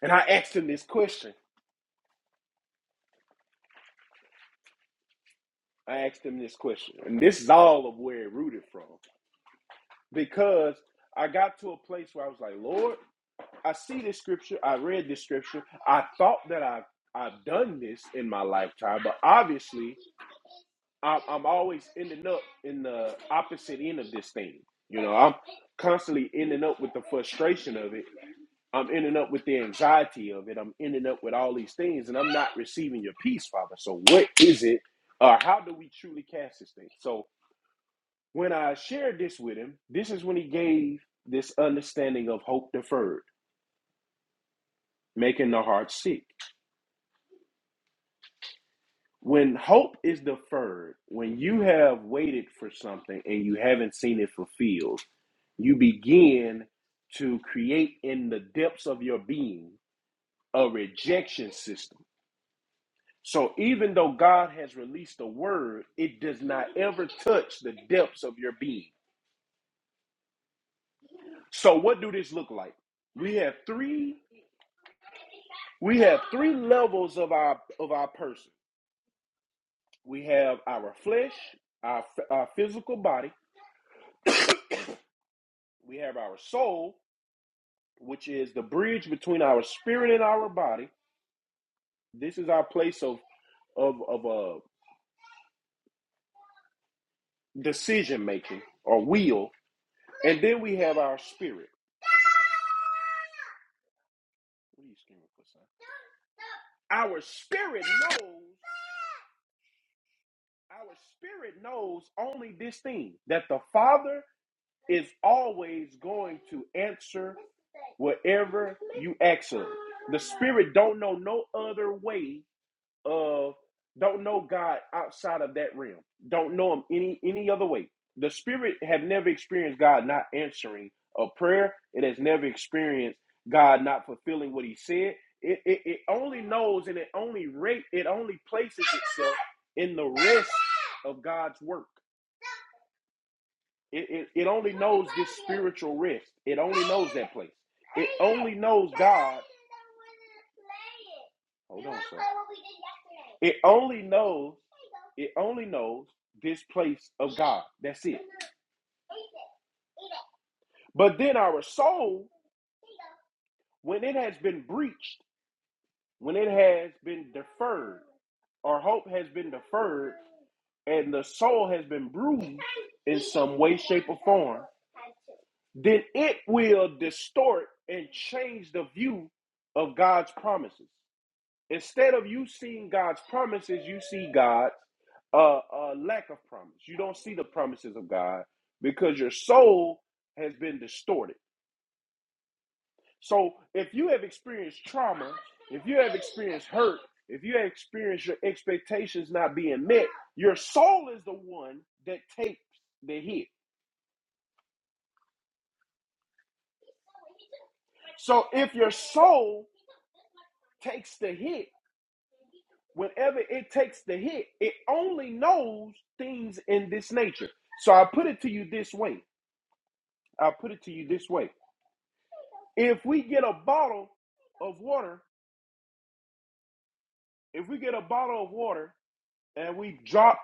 Speaker 2: And I asked him this question. I asked him this question. And this is all of where it rooted from. because I got to a place where I was like, Lord, I see this scripture. I read this scripture. I thought that I've I've done this in my lifetime, but obviously I'm, I'm always ending up in the opposite end of this thing. You know, I'm constantly ending up with the frustration of it. I'm ending up with the anxiety of it. I'm ending up with all these things, and I'm not receiving your peace, Father. So, what is it, or how do we truly cast this thing? So, when I shared this with him, this is when he gave this understanding of hope deferred, making the heart sick. When hope is deferred, when you have waited for something and you haven't seen it fulfilled, you begin to create in the depths of your being a rejection system. So even though God has released a word, it does not ever touch the depths of your being. So what do this look like? We have three We have three levels of our of our person. We have our flesh, our, our physical body. We have our soul, which is the bridge between our spirit and our body. This is our place of of of uh, decision making or will. And then we have our spirit. What are you screaming for, son? Our spirit knows. Our spirit knows only this thing that the Father is always going to answer whatever you ask of. The spirit don't know no other way of don't know God outside of that realm. Don't know him any any other way. The spirit have never experienced God not answering a prayer. It has never experienced God not fulfilling what he said. It, it, it only knows and it only rate it only places itself in the rest of God's work. It, it, it only spiritual rest. It only place. only knows it only knows It only knows this place of God. That's it. But then our soul, when it has been breached, when it has been deferred, or hope has been deferred, and the soul has been bruised, then it will distort and change the view of God's promises. Instead of you seeing God's promises, you see God's uh, uh, lack of promise. You don't see the promises of God because your soul has been distorted. So if you have experienced trauma, if you have experienced hurt, if you have experienced your expectations not being met, your soul is the one that takes the hit. So if your soul takes the hit, whenever it takes the hit, it only knows things in this nature. So I put it to you this way. I put it to you this way. If we get a bottle of water, if we get a bottle of water and we drop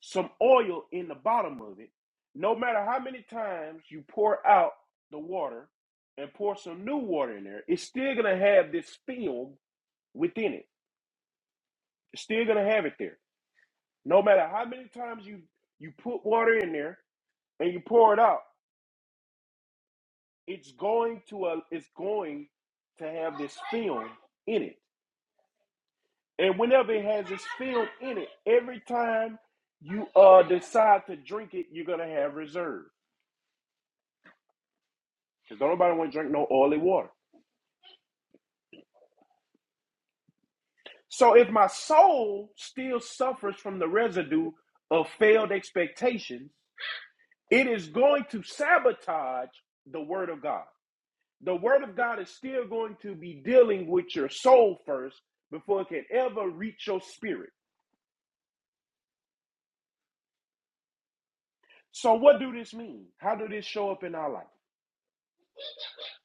Speaker 2: some oil in the bottom of it, no matter how many times you pour out the water and pour some new water in there, it's still gonna have this film within it. It's still gonna have it there. No matter how many times you you put water in there and you pour it out, it's going to a, it's going to have this film in it. And whenever it has this film in it, every time you uh decide to drink it, you're gonna have reserve. Because don't nobody want to drink no oily water. So if my soul still suffers from the residue of failed expectations, it is going to sabotage the word of God. The word of God is still going to be dealing with your soul first before it can ever reach your spirit. So what do this mean? How do this show up in our life?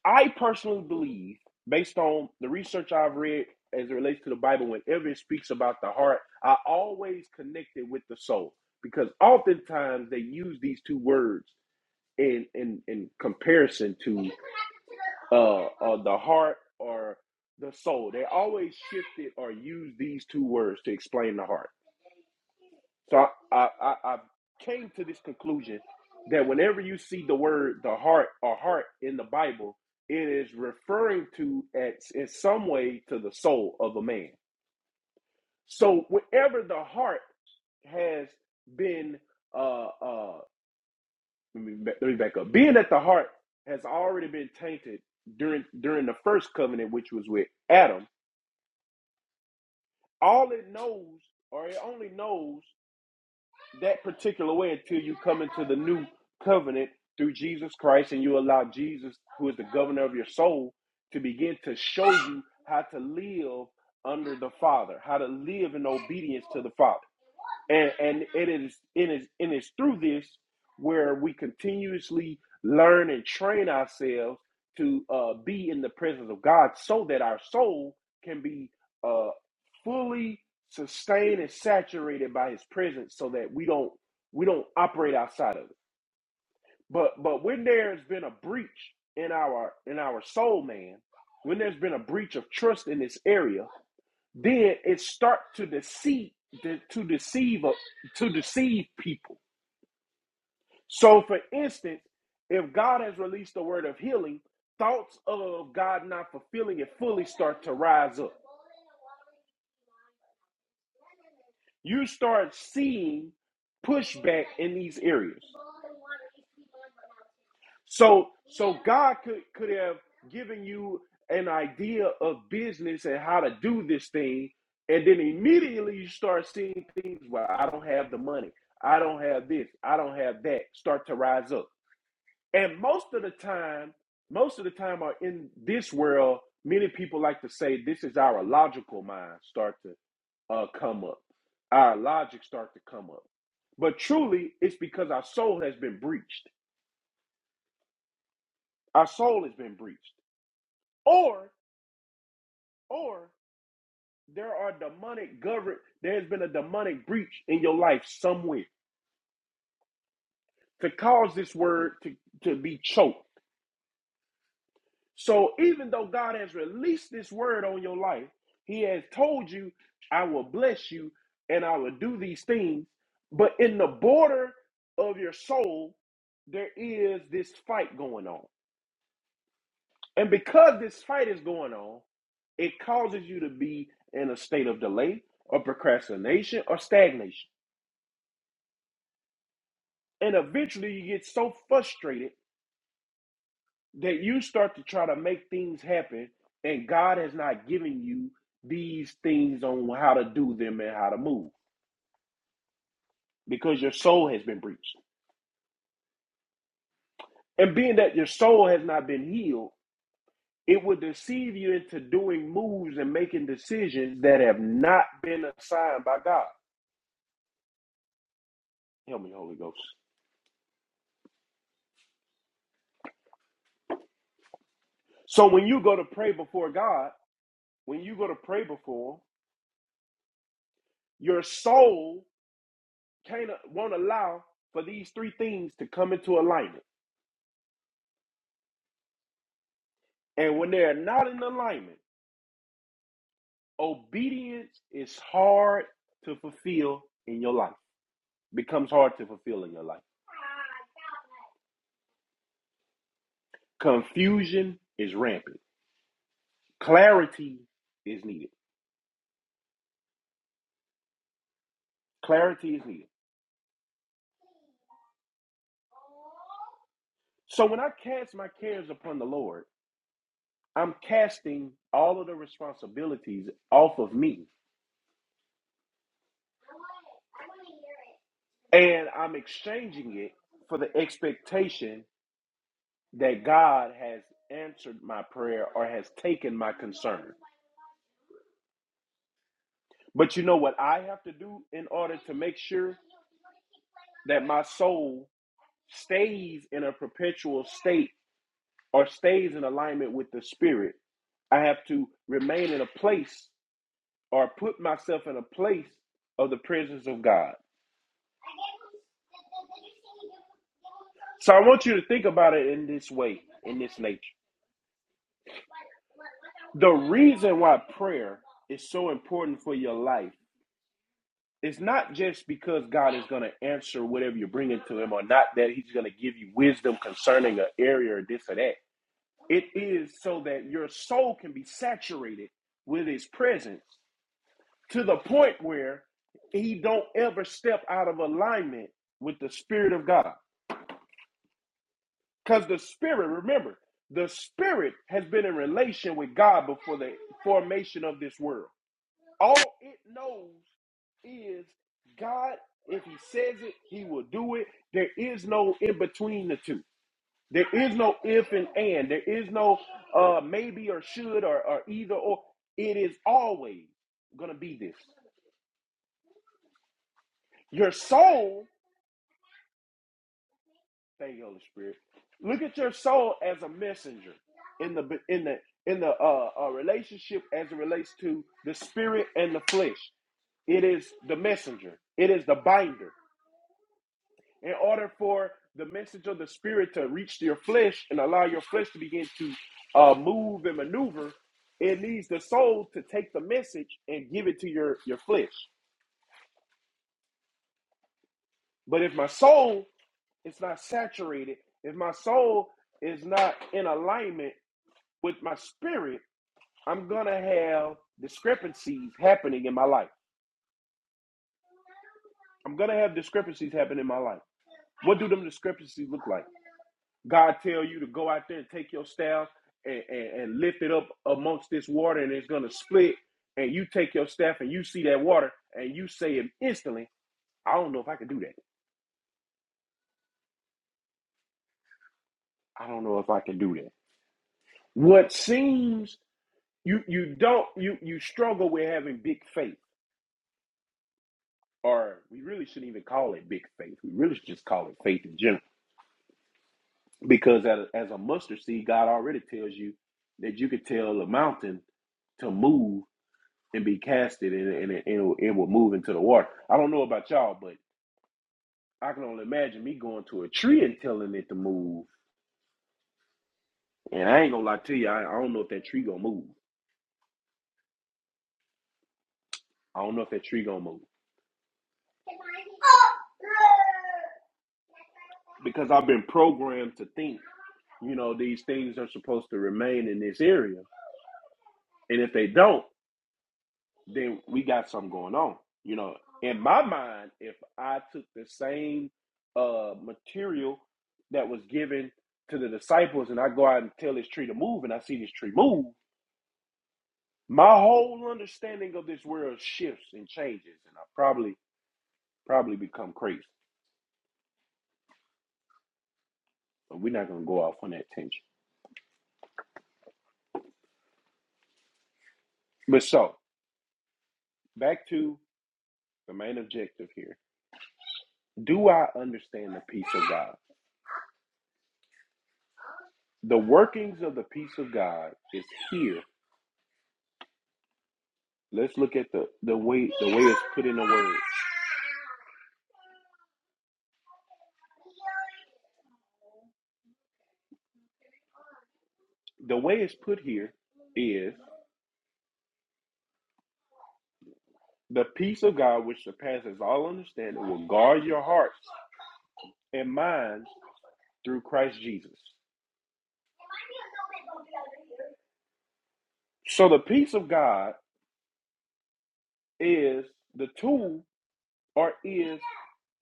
Speaker 2: I personally believe, based on the research I've read as it relates to the Bible, whenever it speaks about the heart, I always connect it with the soul because oftentimes they use these two words in in, in comparison to uh, the heart or the soul. They always shifted or use these two words to explain the heart. So I, I, I came to this conclusion that whenever you see the word the heart or heart in the Bible, it is referring to at in some way to the soul of a man. So wherever the heart has been, uh, uh, let me let me back up. Being that the heart has already been tainted during during the first covenant, which was with Adam, all it knows or it only knows that particular way until you come into the new covenant through Jesus Christ and you allow Jesus, who is the governor of your soul, to begin to show you how to live under the Father, how to live in obedience to the Father and and it is it is it is through this where we continuously learn and train ourselves to uh, be in the presence of God, so that our soul can be uh, fully sustained and saturated by His presence, so that we don't we don't operate outside of it. But but when there's been a breach in our in our soul, man, when there's been a breach of trust in this area, then it starts to deceive to deceive to deceive people so for instance if god has released the word of healing thoughts of god not fulfilling it fully to rise up you start seeing pushback in these areas so So God could, could have given you an idea of business and how to do this thing, and then immediately you start seeing things. Well, I don't have the money. I don't have this. I don't have that. Start to rise up. And most of the time, most of the time are in this world, many people like to say this is our logical mind start to uh, come up. Our logic start to come up. But truly, it's because our soul has been breached. Our soul has been breached. Or or there are demonic govern there's been a demonic breach in your life somewhere to cause this word to, to be choked so even though god has released this word on your life he has told you i will bless you and i will do these things but in the border of your soul there is this fight going on and because this fight is going on it causes you to be in a state of delay or procrastination or stagnation And eventually you get so frustrated that you start to try to make things happen, and God has not given you these things on how to do them and how to move because your soul has been breached. And being that your soul has not been healed, it will deceive you into doing moves and making decisions that have not been assigned by God. Help me, Holy Ghost. So when you go to pray before God, when you go to pray before Him, your soul can't won't allow for these three things to come into alignment. And when they're not in alignment, obedience is hard to fulfill in your life. Becomes hard to fulfill in your life. Confusion is rampant. Clarity is needed. Clarity is needed. So when I cast my cares upon the Lord, I'm casting all of the responsibilities off of me and I'm exchanging it for the expectation that God has answered my prayer or has taken my concern. But you know what I have to do in order to make sure that my soul stays in a perpetual state or stays in alignment with the Spirit? I have to remain in a place or put myself in a place of the presence of God. So I want you to think about it in this way, in this nature. The reason why prayer is so important for your life it's not just because God is going to answer whatever you're bringing to Him, or not that He's going to give you wisdom concerning an area or this or that. It is so that your soul can be saturated with His presence to the point where He don't ever step out of alignment with the Spirit of God. Because the Spirit, remember, the Spirit has been in relation with God before the formation of this world. All it knows is God, if He says it, He will do it. There is no in between the two. There is no if and and. There is no uh, maybe or should or, or either or. It is always going to be this. Your soul, thank you, Holy Spirit. Look at your soul as a messenger in the in the in the uh, uh, relationship as it relates to the spirit and the flesh. It is the messenger. It is the binder. in order for the message of the spirit to reach your flesh and allow your flesh to begin to uh, move and maneuver, it needs the soul to take the message and give it to your, your flesh. But if my soul is not saturated, if my soul is not in alignment with my spirit, I'm going to have discrepancies happening in my life. I'm going to have discrepancies happen in my life. What do them discrepancies look like? God tell you to go out there and take your staff and, and, and lift it up amongst this water and it's gonna split. And you take your staff and you see that water and you say it instantly, I don't know if I can do that. I don't know if I can do that. What seems you you don't you you struggle with having big faith, or we really shouldn't even call it big faith. We really should just call it faith in general. Because as a, as a mustard seed, God already tells you that you could tell a mountain to move and be casted and, and, and, it, and it will move into the water. I don't know about y'all, but I can only imagine me going to a tree and telling it to move. And I ain't gonna lie to you, I, I don't know if that tree gonna move. I don't know if that tree gonna move because I've been programmed to think, you know, these things are supposed to remain in this area, and if they don't. then we got something going on. You know, in my mind, if I took the same uh, material that was given to the disciples and I go out and tell this tree to move and I see this tree move, my whole understanding of this world shifts and changes and I probably probably become crazy. But we're not gonna go off on that tangent. But so back to the main objective here. Do I understand the peace of God? The workings of the peace of God is here let's look at the the way the way it's put here is the peace of God which surpasses all understanding will guard your hearts and minds through Christ Jesus. So the peace of God is the tool or is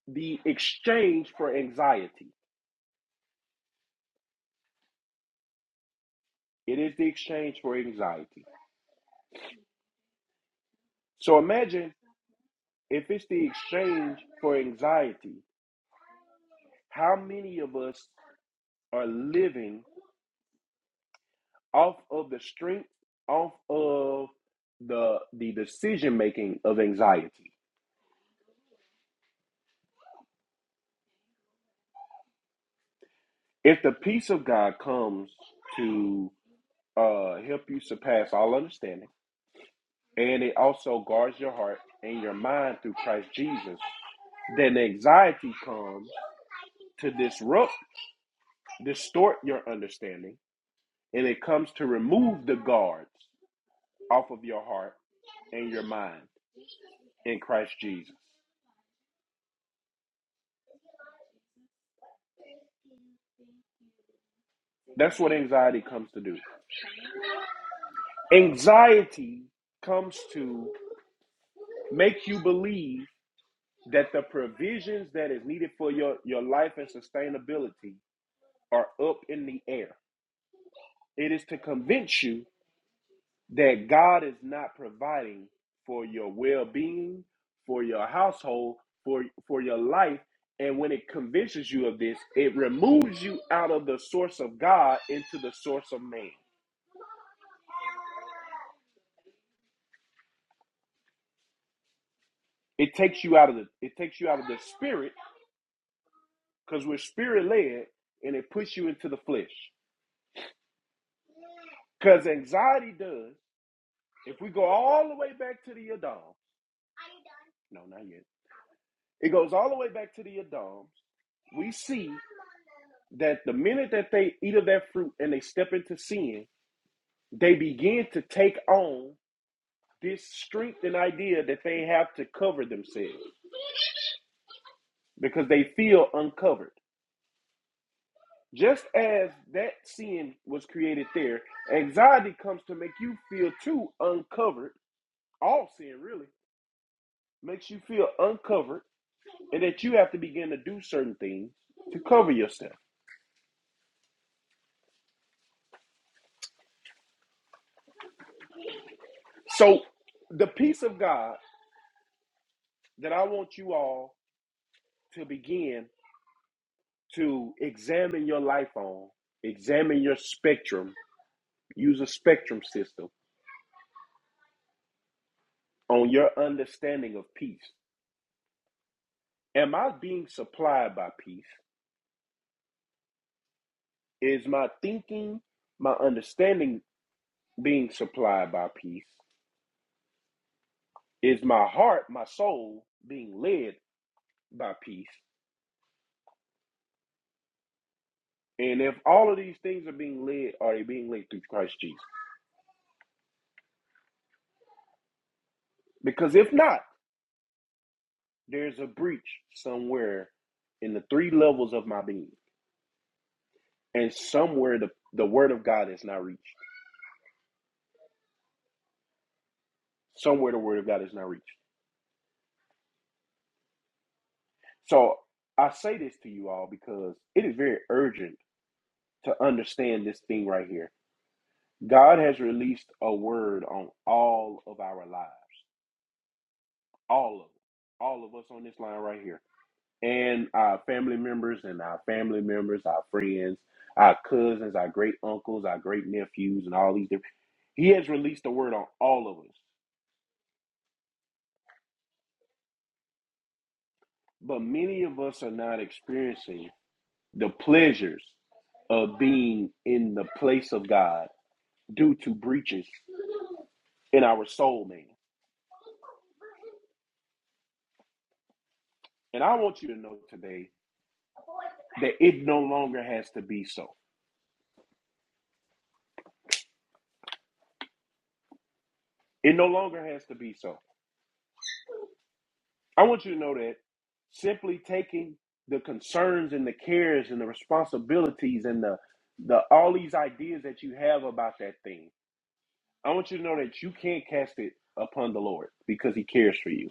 Speaker 2: the exchange for anxiety. It is the exchange for anxiety. So imagine if it's the exchange for anxiety, how many of us are living off of the strength, off of the the decision making of anxiety. If the peace of God comes to uh, help you surpass all understanding, and it also guards your heart and your mind through Christ Jesus, then anxiety comes to disrupt, distort your understanding, and it comes to remove the guards off of your heart and your mind in Christ Jesus. That's what anxiety comes to do. Anxiety comes to make you believe that the provisions that is needed for your, your life and sustainability are up in the air. It is to convince you that God is not providing for your well being, for your household, for, for your life. And when it convinces you of this, it removes you out of the source of God into the source of man. It takes you out of the it takes you out of the spirit because we're spirit led and it puts you into the flesh. Because anxiety does, if we go all the way back to the Adam, no, not yet, it goes all the way back to the Adams, we see that the minute that they eat of that fruit and they step into sin, they begin to take on this strength and idea that they have to cover themselves because they feel uncovered. Just as that sin was created there, anxiety comes to make you feel too uncovered, all sin really makes you feel uncovered and that you have to begin to do certain things to cover yourself. So, the peace of God that I want you all to begin to examine your life on, examine your spectrum, use a spectrum system on your understanding of peace. Am I being supplied by peace? Is my thinking, my understanding being supplied by peace? Is my heart, my soul being led by peace? And if all of these things are being led, are they being led through Christ Jesus? Because if not, there's a breach somewhere in the three levels of my being. And somewhere the, the word of God is not reached. Somewhere the word of God is not reached. So I say this to you all because it is very urgent to understand this thing right here. God has released a word on all of our lives. All of them. all of us on this line right here. and our family members and our family members, our friends, our cousins, our great uncles, our great nephews, and all these different. He has released the word on all of us, but many of us are not experiencing the pleasures of being in the place of God due to breaches in our soul, man. And I want you to know today that it no longer has to be so. It no longer has to be so. I want you to know that simply taking the concerns and the cares and the responsibilities and the the all these ideas that you have about that thing, I want you to know that you can't cast it upon the Lord because He cares for you.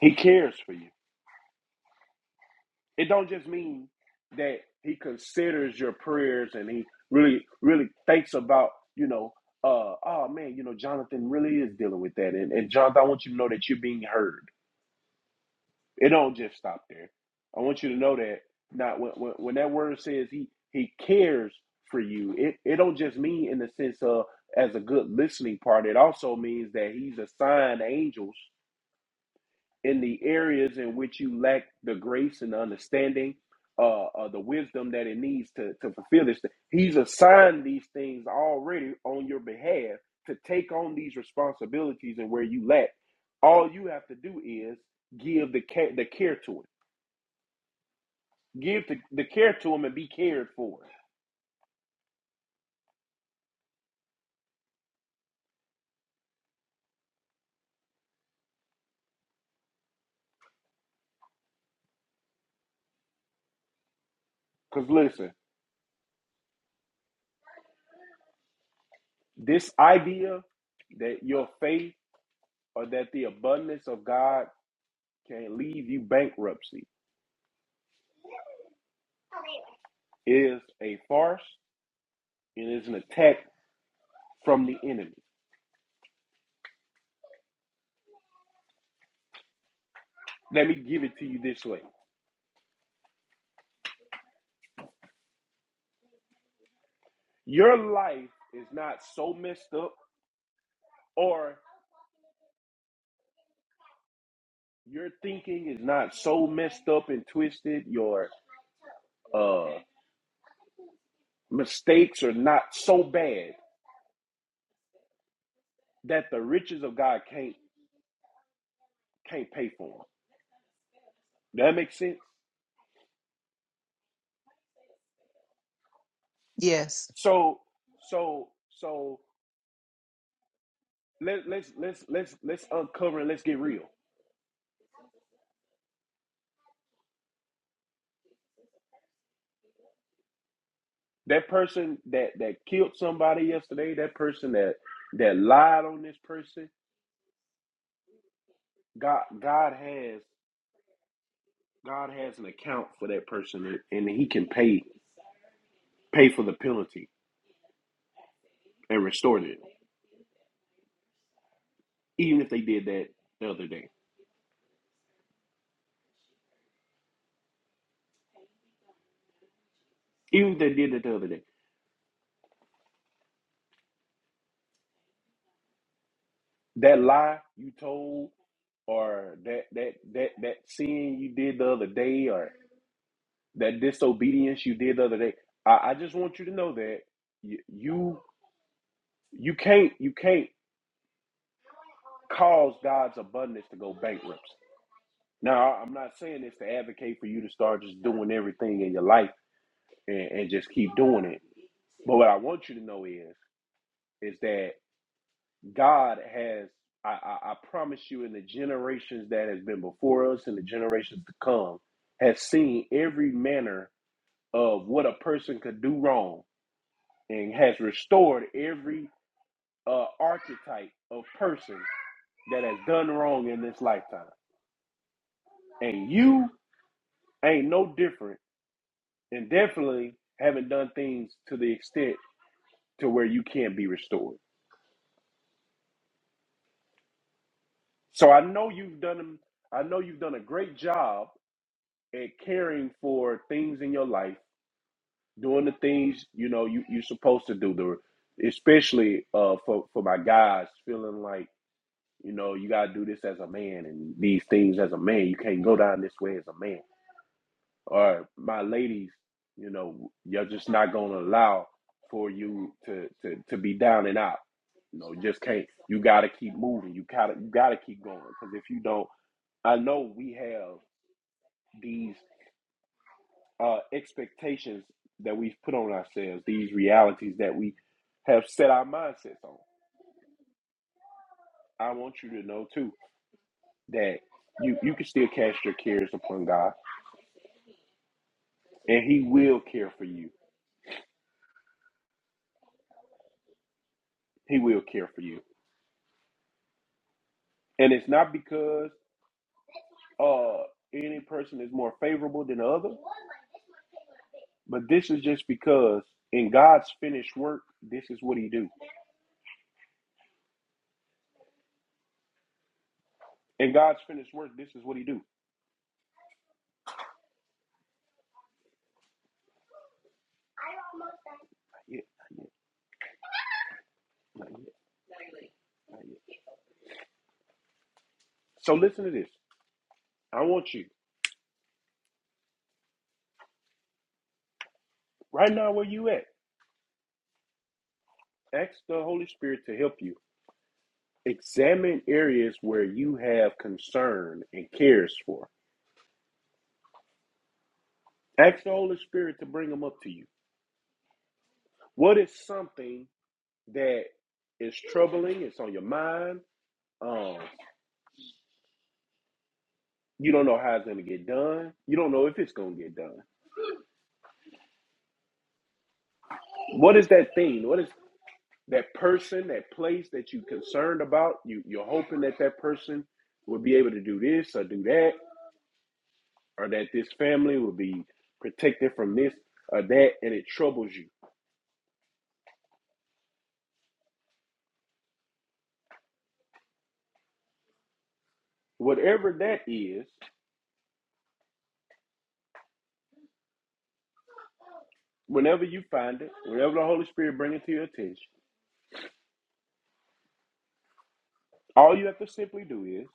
Speaker 2: He cares for you. It don't just mean that He considers your prayers and He really really thinks about you know. Uh, oh man, you know Jonathan really is dealing with that, and, and Jonathan, I want you to know that you're being heard. It don't just stop there. I want you to know that not when, when, when that word says he he cares for you, it, it don't just mean in the sense of as a good listening part. It also means that he's assigned angels in the areas in which you lack the grace and the understanding, uh, uh the wisdom that it needs to to fulfill this. thing. He's assigned these things already on your behalf to take on these responsibilities and where you lack. All you have to do is give the care, the care to it Give the, the care to them and be cared for. Because listen, this idea that your faith or that the abundance of God can leave you bankruptcy is a farce and is an attack from the enemy. Let me give it to you this way your life is not so messed up, or your thinking is not so messed up and twisted, your uh, mistakes are not so bad that the riches of God can't can't pay for them. That makes sense.
Speaker 6: Yes.
Speaker 2: So, so, so let let's let's let's let's uncover and let's get real. That person that that killed somebody yesterday, that person that that lied on this person, God God has God has an account for that person, and, He can pay pay for the penalty and restore it. even if they did that the other day. Even if they did it the other day, that lie you told, or that that that that sin you did the other day, or that disobedience you did the other day. I, I just want you to know that you, you you can't you can't cause God's abundance to go bankrupt. Now I'm not saying this to advocate for you to start just doing everything in your life and, and just keep doing it. But what I want you to know is is that God has I, I, I promise you in the generations that has been before us and the generations to come has seen every manner of what a person could do wrong and has restored every uh, archetype of person that has done wrong in this lifetime. And you ain't no different and definitely haven't done things to the extent to where you can't be restored. So I know you've done I know you've done a great job at caring for things in your life, doing the things you know you, you're supposed to do, the, especially uh, for, for my guys feeling like you know, you gotta do this as a man and these things as a man. You can't go down this way as a man or my ladies, you know, you're just not gonna allow for you to to, to be down and out. You know, just can't. You gotta keep moving. You gotta you gotta keep going because if you don't, I know we have these uh, expectations that we've put on ourselves, these realities that we have set our mindsets on. I want you to know too that you you can still cast your cares upon God, and He will care for you. He will care for you, and it's not because uh any person is more favorable than the other, but this is just because in God's finished work, this is what he do. In God's finished work, this is what he do. Yeah, yeah, yeah, yeah. So listen to this. I want you right now where you at. Ask the Holy Spirit to help you. Examine areas where you have concern and cares for. Ask the Holy Spirit to bring them up to you. What is something that is troubling? It's on your mind. Um, You don't know how it's going to get done. You don't know if it's going to get done. What is that thing? What is that person, that place that you concerned about? You, you're hoping that that person will be able to do this or do that, or that this family will be protected from this or that, and it troubles you. Whatever that is, whenever you find it, whenever the Holy Spirit brings it to your attention, all you have to simply do is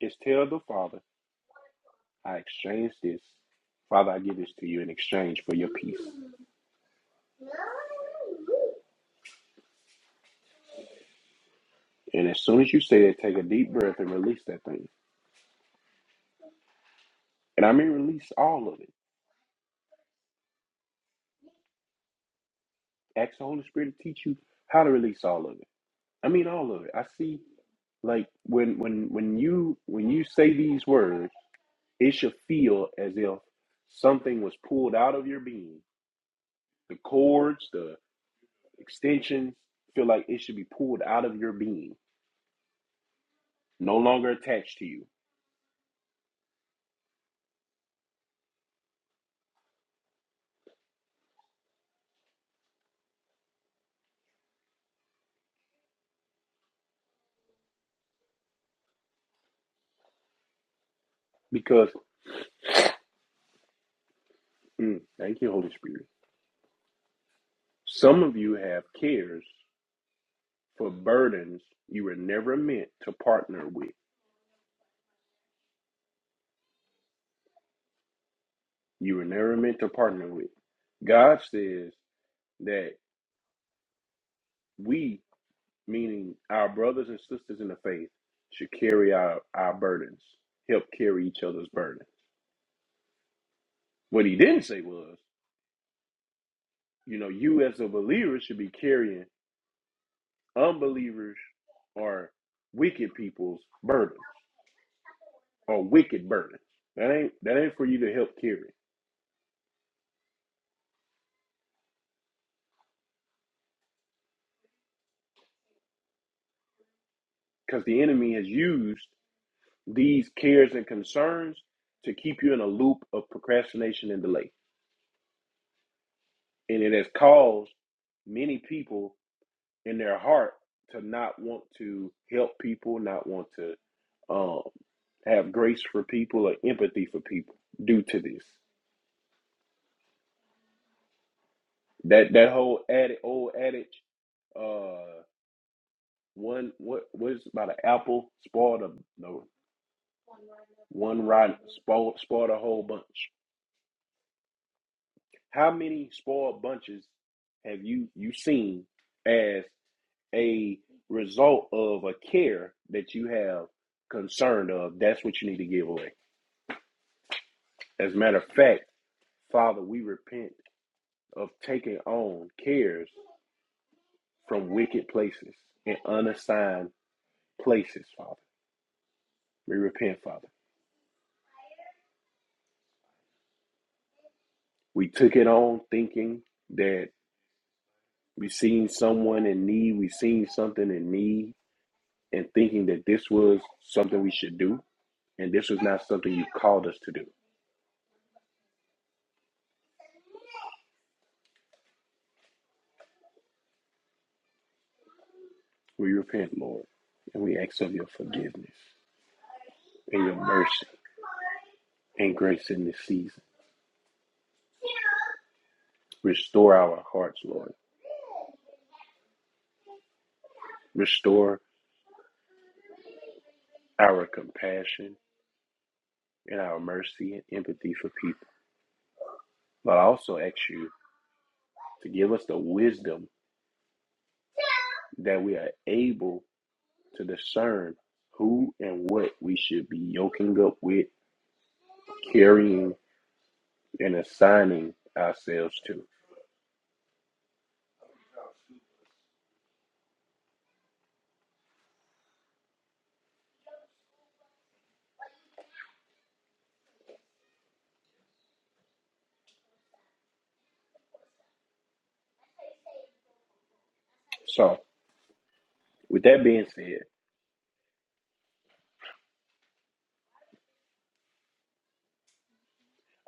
Speaker 2: is tell the Father, I exchange this. Father, I give this to you in exchange for your peace. And as soon as you say that, take a deep breath and release that thing. And I mean release all of it. Ask the Holy Spirit to teach you how to release all of it. I mean all of it. I see like when when when you when you say these words, it should feel as if something was pulled out of your being. The cords, the extensions feel like it should be pulled out of your being, no longer attached to you. Because mm, thank you, Holy Spirit. Some of you have cares for burdens you were never meant to partner with. You were never meant to partner with. God says that we, meaning our brothers and sisters in the faith, should carry our, our burdens, help carry each other's burdens. What he didn't say was, you know, you as a believer should be carrying unbelievers or wicked people's burdens or wicked burdens. That ain't that ain't for you to help carry. Because the enemy has used these cares and concerns to keep you in a loop of procrastination and delay. And it has caused many people in their heart to not want to help people, not want to um, have grace for people or empathy for people due to this. That that whole adi- old adage, uh, one what was about an apple spoiled a no one spoiled spoiled a whole bunch. How many spoiled bunches have you you seen as? a result of a care that you have concern of, that's what you need to give away. As a matter of fact, Father, we repent of taking on cares from wicked places and unassigned places, Father. We repent, Father. We took it on thinking that we seen someone in need, we seen something in need, and thinking that this was something we should do, and this was not something you called us to do. We repent, Lord, and we ask of your forgiveness. and your mercy and grace in this season. Restore our hearts, Lord. Restore our compassion and our mercy and empathy for people. But I also ask you to give us the wisdom that we are able to discern who and what we should be yoking up with, carrying, and assigning ourselves to. So, with that being said,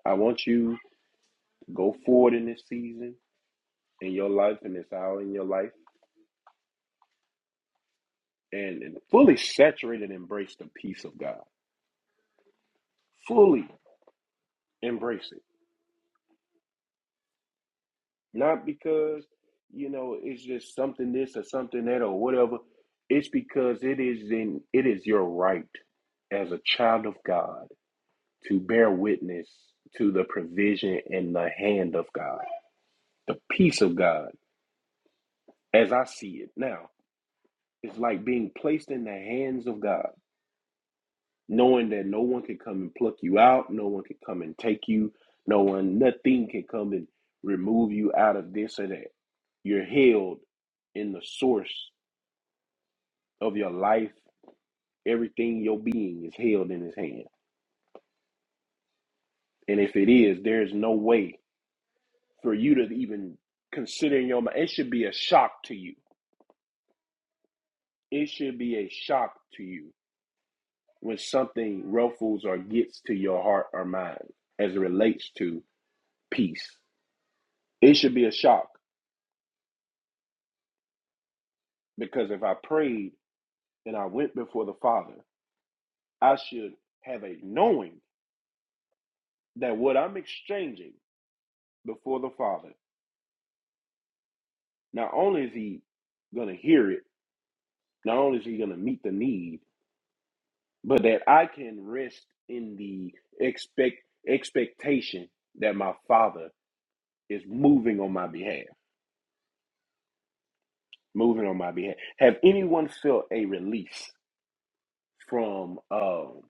Speaker 2: I want you to go forward in this season, in your life, in this hour in your life. and, and fully saturate and embrace the peace of God. Fully embrace it. Not because, you know, it's just something this or something that or whatever. It's because it is in it is your right as a child of God to bear witness to the provision and the hand of God. The peace of God, as I see it now, it's like being placed in the hands of God. knowing that no one can come and pluck you out, no one can come and take you, no one, nothing can come and remove you out of this or that. You're held in the source of your life. Everything your being is held in his hand. And if it is, there's no way for you to even consider in your mind. It should be a shock to you. It should be a shock to you when something ruffles or gets to your heart or mind as it relates to peace. It should be a shock Because if I prayed and I went before the Father, I should have a knowing that what I'm exchanging before the Father, not only is He going to hear it, not only is He going to meet the need, but that I can rest in the expect expectation that my Father is moving on my behalf. Moving on my behalf. Have anyone felt a release from um,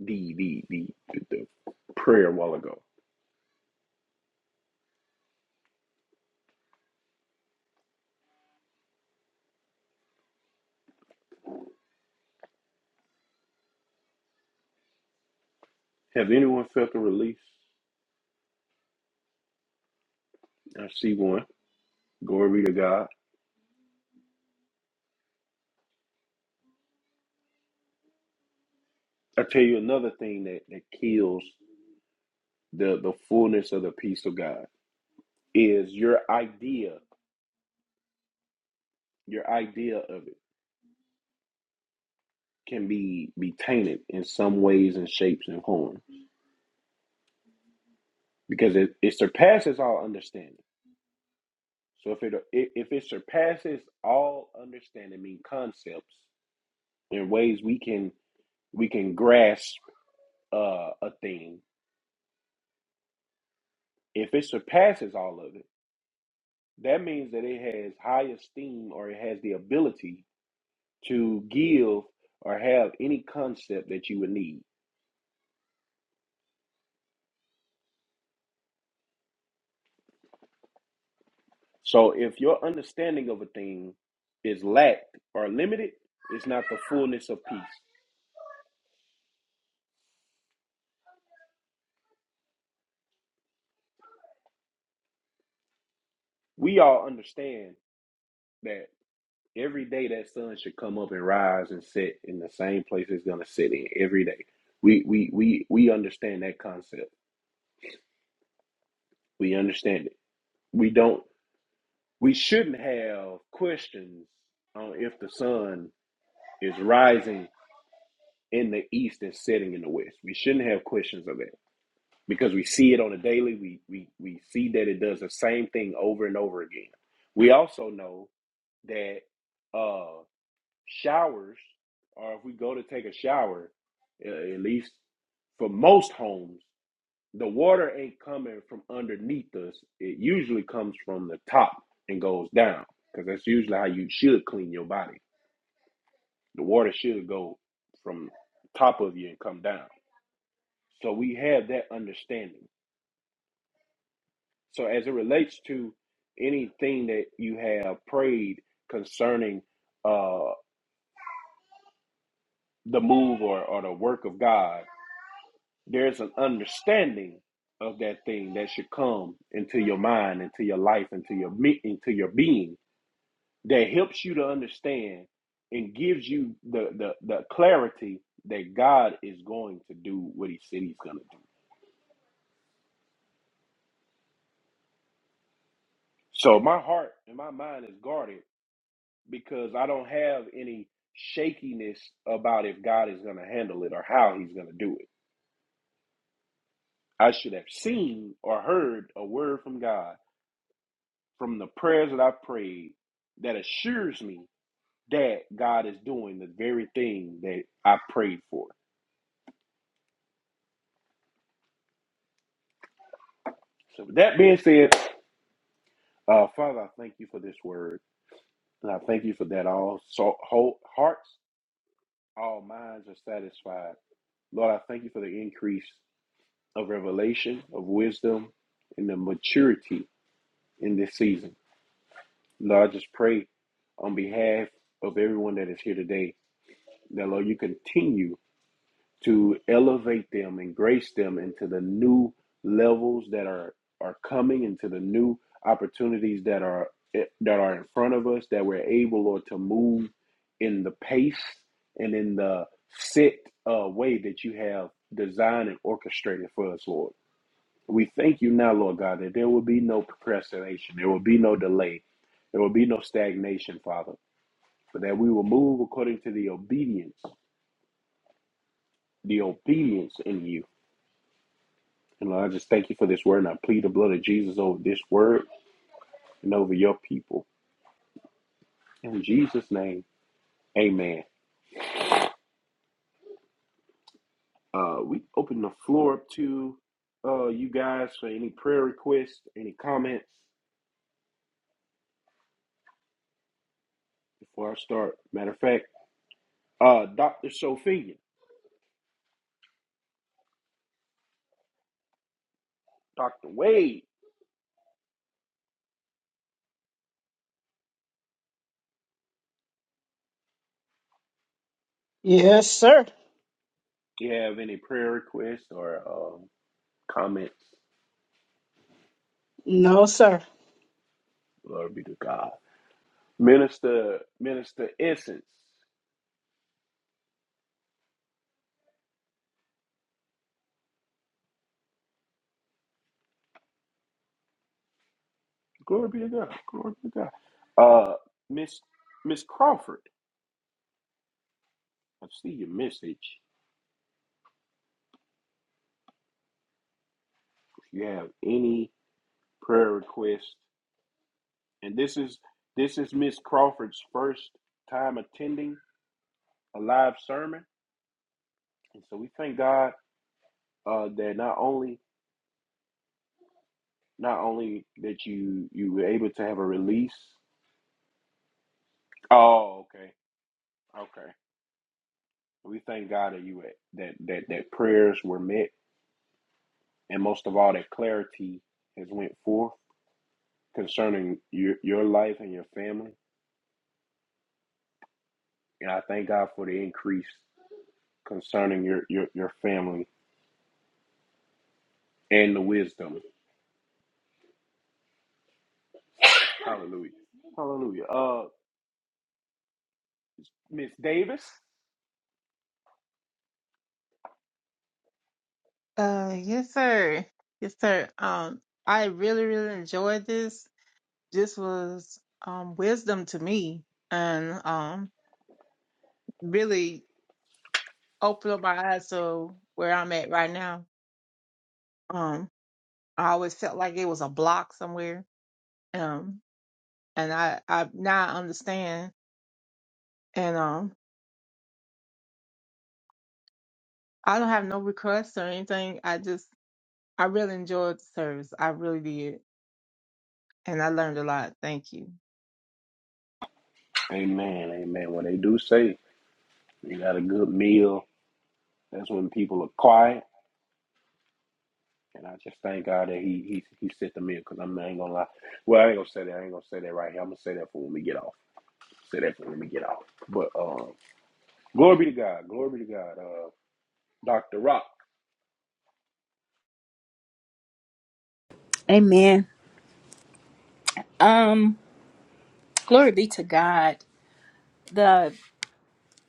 Speaker 2: the, the the the prayer a while ago? Have anyone felt a release? I see one. Glory to God. I tell you another thing that, that kills the, the fullness of the peace of God is your idea, your idea of it can be, be tainted in some ways and shapes and forms because it, it surpasses all understanding. So if it if if it surpasses all understanding, I mean concepts in ways we can we can grasp uh, a thing. If it surpasses all of it that means that it has high esteem or it has the ability to give or have any concept that you would need. So if your understanding of a thing is lacked or limited, it's not the fullness of peace. We all understand that every day that sun should come up and rise and set in the same place it's gonna sit in every day. We we we we understand that concept. We understand it. We don't we shouldn't have questions on if the sun is rising in the east and setting in the west. We shouldn't have questions of that because we see it on a daily. We we we see that it does the same thing over and over again. We also know that uh, showers, or if we go to take a shower, uh, at least for most homes, the water ain't coming from underneath us. It usually comes from the top and goes down because that's usually how you should clean your body The water should go from top of you and come down. So we have that understanding. So as it relates to anything that you have prayed concerning uh, the move or, or the work of God, there's an understanding of that thing that should come into your mind, into your life, into your me- into your being that helps you to understand and gives you the the, the clarity that God is going to do what He said He's going to do. So my heart and my mind is guarded because I don't have any shakiness about if God is going to handle it or how he's going to do it. I should have seen or heard a word from God from the prayers that I prayed that assures me that God is doing the very thing that I prayed for. So with that being said, uh, Father, I thank you for this word. And I thank you for that all so whole hearts, all minds are satisfied. Lord, I thank you for the increase. of revelation, of wisdom, and the maturity in this season. Lord, I just pray on behalf of everyone that is here today that, Lord, you continue to elevate them and grace them into the new levels that are, are coming, into the new opportunities that are that are in front of us, that we're able, Lord, to move in the pace and in the set uh, way that you have designed and orchestrated for us, Lord. We thank you now, Lord God, that there will be no procrastination, there will be no delay, there will be no stagnation, Father, but that we will move according to the obedience, the obedience in you. And Lord, I just thank you for this word, and I plead the blood of Jesus over this word and over your people. In Jesus' name, amen. Uh, we open the floor up to uh, you guys for any prayer requests, any comments before I start. Matter of fact, uh, Dr. Sophia, Dr. Wade.
Speaker 4: Yes, sir.
Speaker 2: you have any prayer requests or um, comments,
Speaker 4: No, sir.
Speaker 2: glory be to God. Minister, Minister Essence, glory be to God, glory be to God. Uh, Miss Miss Crawford, I see your message. If you have any prayer requests, and this is this is Miss Crawford's first time attending a live sermon, and so we thank God uh, that not only not only that you you were able to have a release. Oh, okay, okay. We thank God that you that that that prayers were met, and most of all that clarity has went forth concerning your your life and your family. And I thank God for the increase concerning your your your family and the wisdom. Hallelujah. Hallelujah. Uh, Miss Davis.
Speaker 6: Uh, yes, sir. Yes, sir. Um, I really, really enjoyed this. This was um wisdom to me, and um, really opened up my eyes to where I'm at right now. Um, I always felt like it was a block somewhere. Um, and I, I now I understand. And um, I don't have no requests or anything. I just, I really enjoyed the service. I really did, and I learned a lot. Thank you.
Speaker 2: Amen. Amen. When they do say you got a good meal, that's when people are quiet. And I just thank God that he he he set the meal because I'm not, I ain't gonna lie. Well, I ain't gonna say that. I ain't gonna say that right here. I'm gonna say that for when we get off. say that when we get out. But um, glory be to God. Glory be to God. Uh, Dr. Rock.
Speaker 1: Amen. Um, glory be to God. The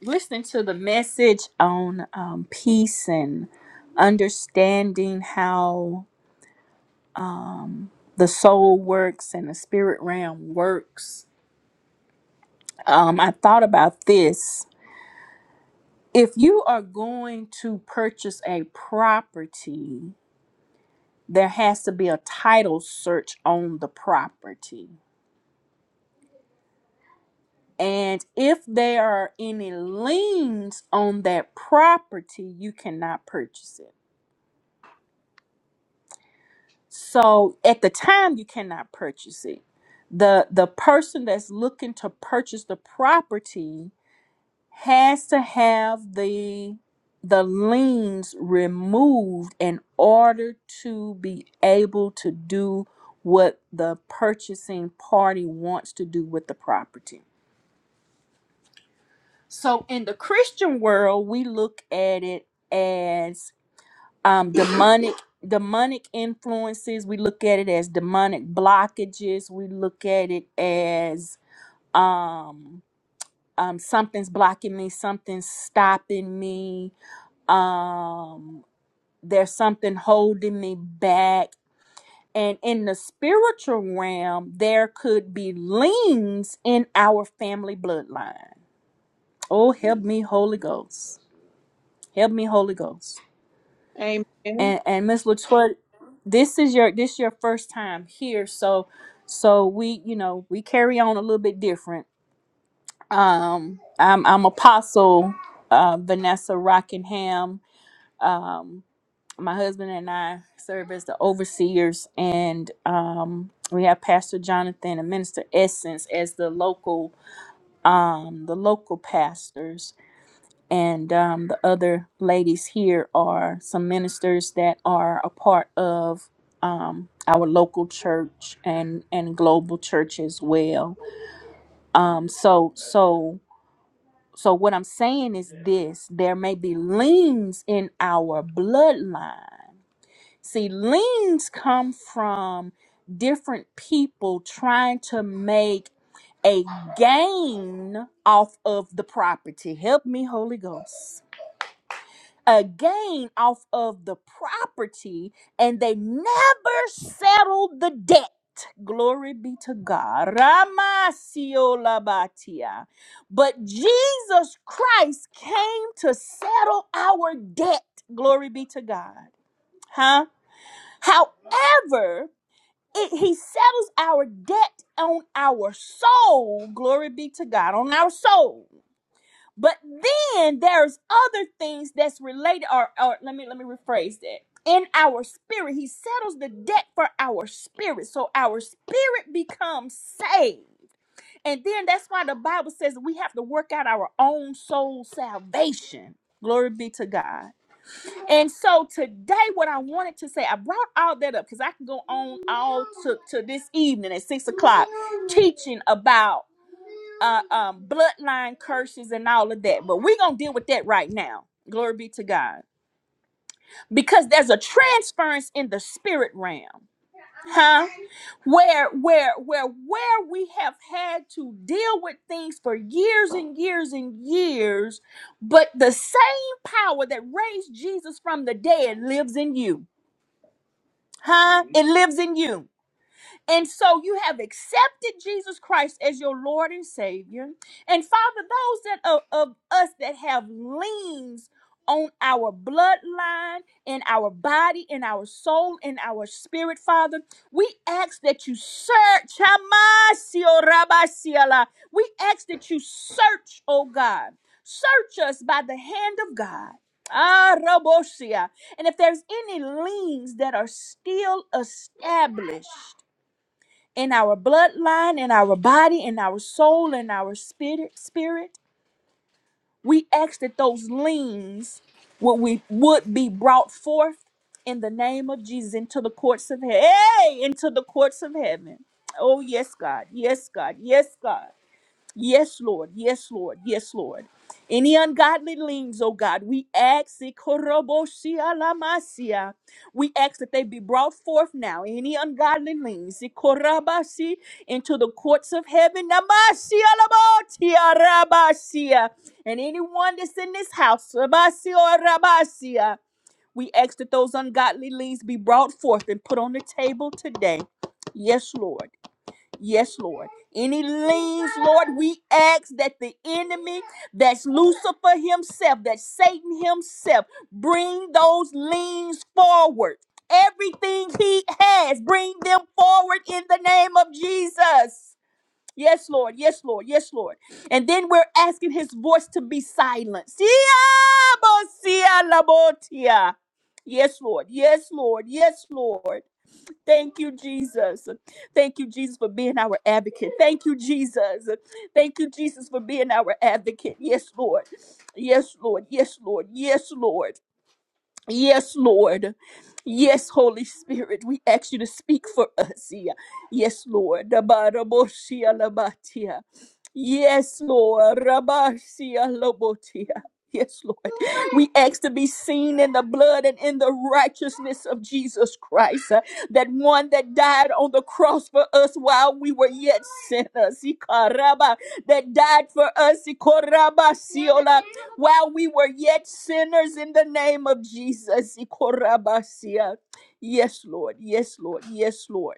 Speaker 1: listening to the message on um, peace and understanding how um, the soul works and the spirit realm works. Um, I thought about this. If you are going to purchase a property, there has to be a title search on the property. And if there are any liens on that property, you cannot purchase it. So at the time you cannot purchase it. The the person that's looking to purchase the property has to have the the liens removed in order to be able to do what the purchasing party wants to do with the property. So in the Christian world, we look at it as um, demonic demonic influences. We look at it as demonic blockages. We look at it as um, um, something's blocking me. Something's stopping me. Um, there's something holding me back. And in the spiritual realm, there could be liens in our family bloodline. Oh, help me, Holy Ghost Help me, Holy Ghost.
Speaker 6: Amen.
Speaker 1: And and Miss Latoya, this is your this your first time here, so so we you know we carry on a little bit different. Um, I'm I'm Apostle uh, Vanessa Rockingham. Um, my husband and I serve as the overseers, and um, we have Pastor Jonathan and Minister Essence as the local um the local pastors and um, the other ladies here are some ministers that are a part of um, our local church and and global church as well. Um, so so so what I'm saying is this: there may be leans in our bloodline. See, leans come from different people trying to make a gain off of the property. Help me, Holy Ghost. a gain off of the property and they never settled the debt. Glory be to God. Ramasiolabatia. But Jesus Christ came to settle our debt. Glory be to God. Huh? However, it, he settles our debt on our soul. Glory be to God. On our soul. But then there's other things that's related, or, or let me let me rephrase that. In our spirit, he settles the debt for our spirit. So our spirit becomes saved. And then that's why the Bible says we have to work out our own soul salvation. Glory be to God. And so today, what I wanted to say, I brought all that up because I can go on all to, to this evening at six o'clock teaching about uh, um, bloodline curses and all of that. But we're going to deal with that right now. Glory be to God. Because there's a transference in the spirit realm. Huh? Where where where where we have had to deal with things for years and years and years, but the same power that raised Jesus from the dead lives in you. Huh? It lives in you. And so you have accepted Jesus Christ as your Lord and Savior. And Father, those that of, of us that have liens on our bloodline, in our body, in our soul, in our spirit, Father, we ask that you search. Hamasio Rabasiala. We ask that you search, oh God. Search us by the hand of God. Ah, Rabosia. And if there's any liens that are still established, in our bloodline, in our body, in our soul, in our spirit, spirit. We ask that those liens would we would be brought forth in the name of Jesus into the courts of heaven. Hey, into the courts of heaven. Oh yes, God. Yes, God. Yes, God. Yes, Lord. Yes, Lord. Yes, Lord. Any ungodly leans, oh God, we ask, Ikoroboshia lamasia. we ask that they be brought forth now. Any ungodly leans, eh, korabasi into the courts of heaven, Namasia labotia rabasia. and anyone that's in this house, Rabasi or Rabasia, we ask that those ungodly leans be brought forth and put on the table today. Yes, Lord. Yes, Lord. Any liens, Lord, we ask that the enemy, that's Lucifer himself, that Satan himself, bring those liens forward. Everything he has, bring them forward in the name of Jesus. Yes, Lord. Yes, Lord. Yes, Lord. And then we're asking his voice to be silenced. Yes, Lord. Yes, Lord. Yes, Lord. Thank you, Jesus. Thank you, Jesus, for being our advocate. Thank you, Jesus. Thank you, Jesus, for being our advocate. Yes, Lord. Yes, Lord. Yes, Lord. Yes, Lord. Yes, Lord. Yes, Holy Spirit, we ask you to speak for us. Yeah. Yes, Lord. Dabaraboshia labatia. Yes, Lord. Rabasia lobotia. Yes, Lord. We ask to be seen in the blood and in the righteousness of Jesus Christ, uh, that one that died on the cross for us while we were yet sinners, Ikaraba, that died for us, Ikorabasiolabashia while we were yet sinners in the name of Jesus. Ikorabasia. Yes, Lord. Yes, Lord. Yes, Lord.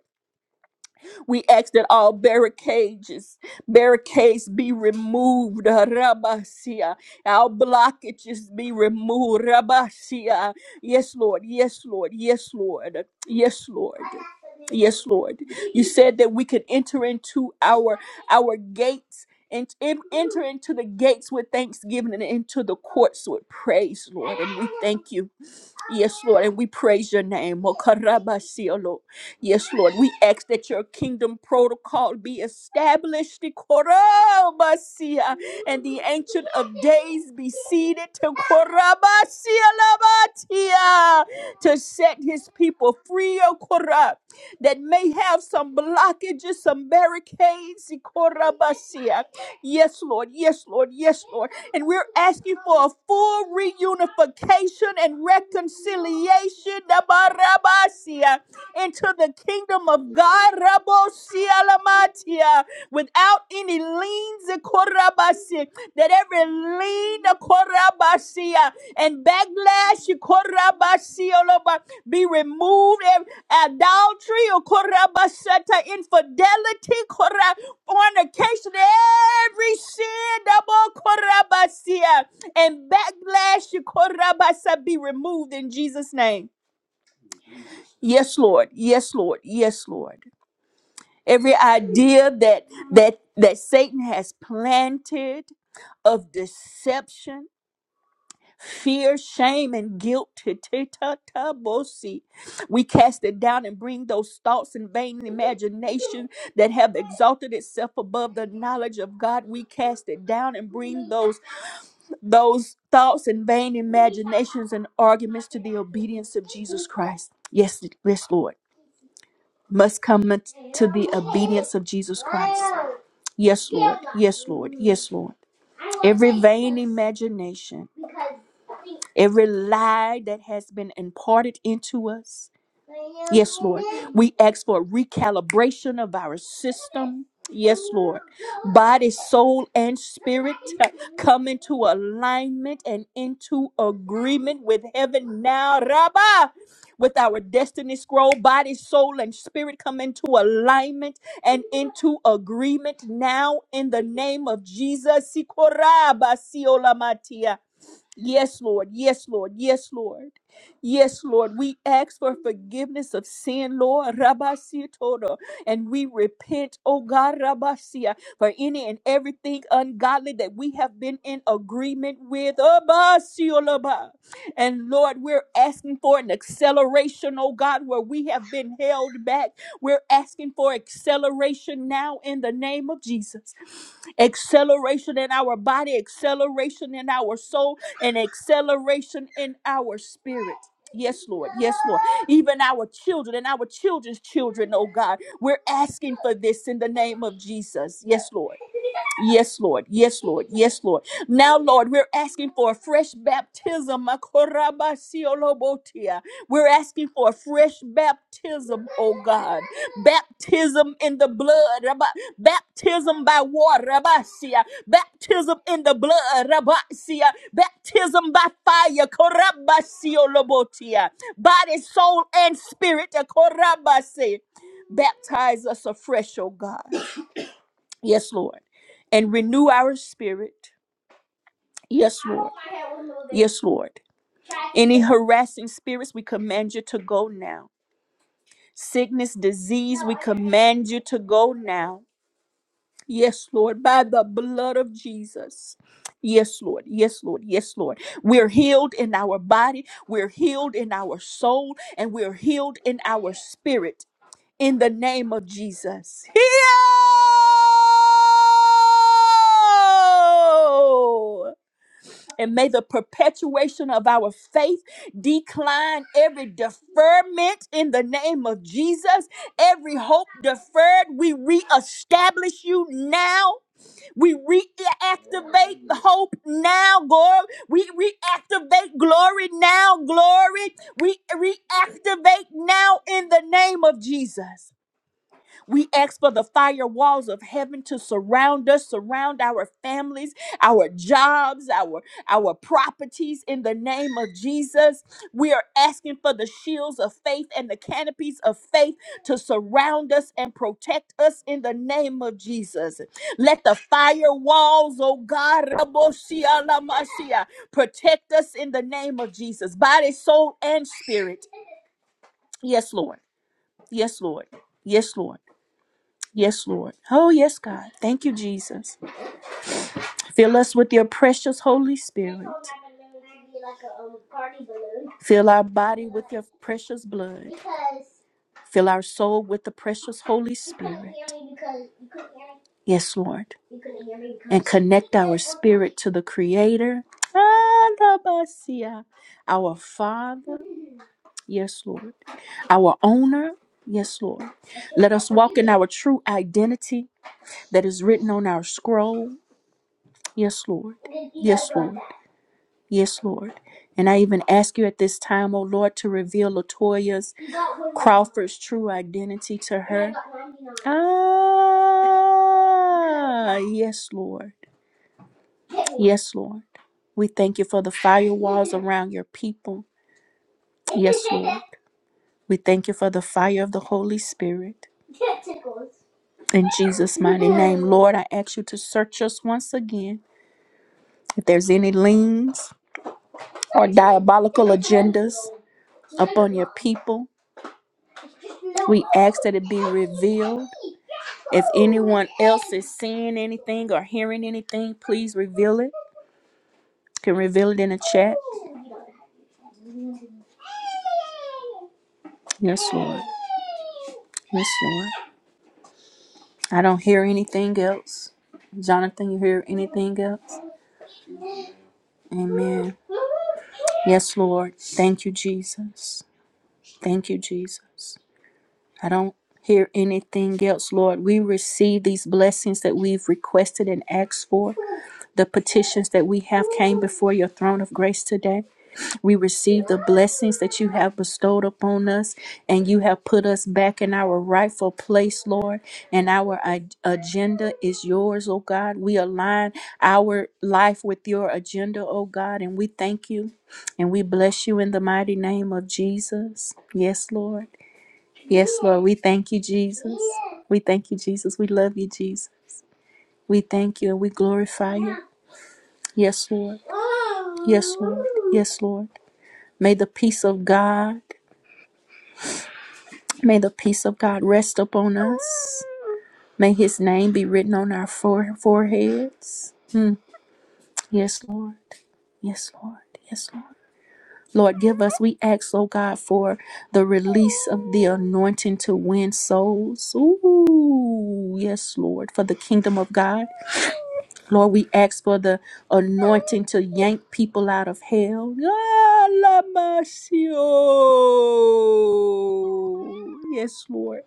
Speaker 1: We ask that all barricades, barricades be removed. Rabasia. All blockages be removed. Rabasia. Yes, Lord. Yes, Lord. Yes, Lord. Yes, Lord. Yes, Lord. You said that we could enter into our our gates and en- enter into the gates with thanksgiving and into the courts with praise, Lord. And we thank you. Yes, Lord, and we praise your name. Mokarabasiolo. Yes, Lord, we ask that your kingdom protocol be established. Ikorabasia, And the ancient of days be seated to Korabasialabatia, to set his people free, O Korab, that may have some blockages, some barricades. Ikorabasia. Yes, Lord, yes, Lord, yes, Lord. And we're asking for a full reunification and reconciliation Dabarabasia, into the kingdom of God Rabosia Lamatia, without any liens Korabasi, that every lien Korabasia and backlash, korabasioloba, be removed, ev- adultery, or korabasata, infidelity, kora- fornication, every sin, double korabasia, and backlash, korabasa, be removed in Jesus' name. Yes, Lord. Yes, Lord. Yes, Lord. Every idea that that that Satan has planted of deception fear, shame, and guilt. T-t-t-t-bosi. We cast it down and bring those thoughts and vain imagination that have exalted itself above the knowledge of God. We cast it down and bring those those thoughts and vain imaginations and arguments to the obedience of Jesus Christ. Yes, yes, Lord. Must come to the obedience of Jesus Christ. Yes, Lord. Yes, Lord. Yes, Lord. Every vain imagination every lie that has been imparted into us. Yes, Lord. We ask for recalibration of our system. Yes, Lord. Body, soul, and spirit uh, come into alignment and into agreement with heaven now. Rabbah! With our destiny scroll, body, soul, and spirit come into alignment and into agreement now in the name of Jesus. Sikorabasiolamatia. Yes, Lord. Yes, Lord. Yes, Lord. Yes, Lord. We ask for forgiveness of sin, Lord. Rabasia Todo. And we repent, oh God, Rabasia, for any and everything ungodly that we have been in agreement with. Abasio Laba. And Lord, we're asking for an acceleration, oh God, where we have been held back. We're asking for acceleration now in the name of Jesus acceleration in our body, acceleration in our soul an acceleration in our spirit. Yes, Lord. Yes, Lord. Even our children and our children's children, oh God, we're asking for this in the name of Jesus. Yes, Lord. Yes, Lord. Yes, Lord. Yes, Lord. Now, Lord, we're asking for a fresh baptism. Makorabasiolobotia. We're asking for a fresh baptism, oh God. Baptism in the blood. Rabba- Baptism by water. Rabasia. Baptism in the blood. Rabasia. Baptism by fire. Korabasiolobotia. Body, soul, and spirit. Korabasi. Baptize us afresh, oh God. Yes, Lord. And renew our spirit. Yes, Lord. Yes, Lord. Any harassing spirits, we command you to go now. Sickness, disease, we command you to go now. Yes, Lord. By the blood of Jesus. Yes, Lord. Yes, Lord. Yes, Lord. We're healed in our body. We're healed in our soul. And we're healed in our spirit. in the name of Jesus. Heal! And may the perpetuation of our faith decline every deferment in the name of Jesus. Every hope deferred, we reestablish you now. We reactivate hope now, glory. We reactivate glory now, glory. We reactivate now in the name of Jesus. We ask for the fire walls of heaven to surround us, surround our families, our jobs, our our properties in the name of Jesus. We are asking for the shields of faith and the canopies of faith to surround us and protect us in the name of Jesus. Let the fire walls, oh God, Raboshia Lamashia, protect us in the name of Jesus, body, soul, and spirit. Yes, Lord. Yes, Lord. Yes, Lord. Yes, Lord. Oh, yes, God. Thank you, Jesus. Fill us with your precious Holy Spirit. Fill our body with your precious blood. Fill our soul with the precious Holy Spirit. Yes, Lord. And connect our spirit to the Creator. Alabasia. Our Father. Yes, Lord. Our owner. Yes, Lord. Let us walk in our true identity that is written on our scroll. Yes, Lord. Yes, Lord. Yes, Lord. And I even ask you at this time, O Lord, to reveal Latoya's Crawford's true identity to her. Ah, yes, Lord. Yes, Lord. We thank you for the firewalls around your people. Yes, Lord. We thank you for the fire of the Holy Spirit. In Jesus' mighty name, Lord, I ask you to search us once again. If there's any liens or diabolical agendas upon your people, we ask that it be revealed. If anyone else is seeing anything or hearing anything, please reveal it. You can reveal it in the chat. Yes, Lord. Yes, Lord. I don't hear anything else. Jonathan, you hear anything else? Amen. Yes, Lord. Thank you, Jesus. Thank you, Jesus. I don't hear anything else, Lord. We receive these blessings that we've requested and asked for. The petitions that we have came before your throne of grace today. We receive the blessings that you have bestowed upon us, and you have put us back in our rightful place, Lord. And our ag- agenda is yours, oh God. We align our life with your agenda, oh God, and we thank you and we bless you in the mighty name of Jesus. Yes, Lord. Yes, Lord, we thank you, Jesus. We thank you, Jesus. We love you, Jesus. We thank you and we glorify you. Yes, Lord. Yes, Lord. Yes, Lord. May the peace of God, may the peace of God rest upon us. May his name be written on our fore- foreheads. Mm. Yes, Lord. Yes, Lord. Yes, Lord. Lord, give us, we ask, oh God, for the release of the anointing to win souls. Ooh, yes, Lord, for the kingdom of God. Lord, we ask for the anointing to yank people out of hell. Ah, la masio. Yes, Lord.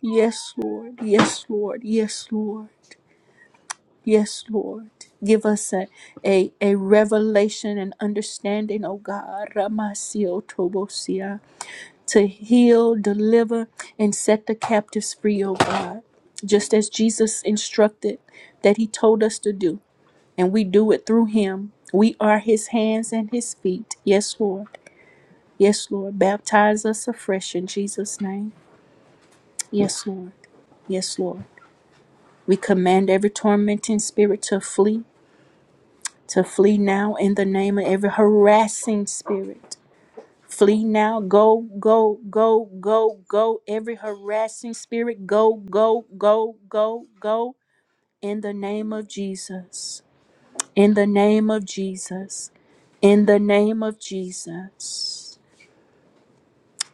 Speaker 1: Yes, Lord. Yes, Lord. Yes, Lord. Yes, Lord. Give us a, a, a revelation and understanding, oh God, Ramasio Tobosia, to heal, deliver, and set the captives free, oh God, just as Jesus instructed that he told us to do and we do it through him. We are his hands and his feet. Yes, Lord. Yes, Lord. Baptize us afresh in Jesus' name. Yes, Lord. Yes, Lord. We command every tormenting spirit to flee, to flee now in the name of every harassing spirit. Flee now. Go, go, go, go, go. Every harassing spirit, go, go, go, go, go. In the name of Jesus. In the name of Jesus. In the name of Jesus.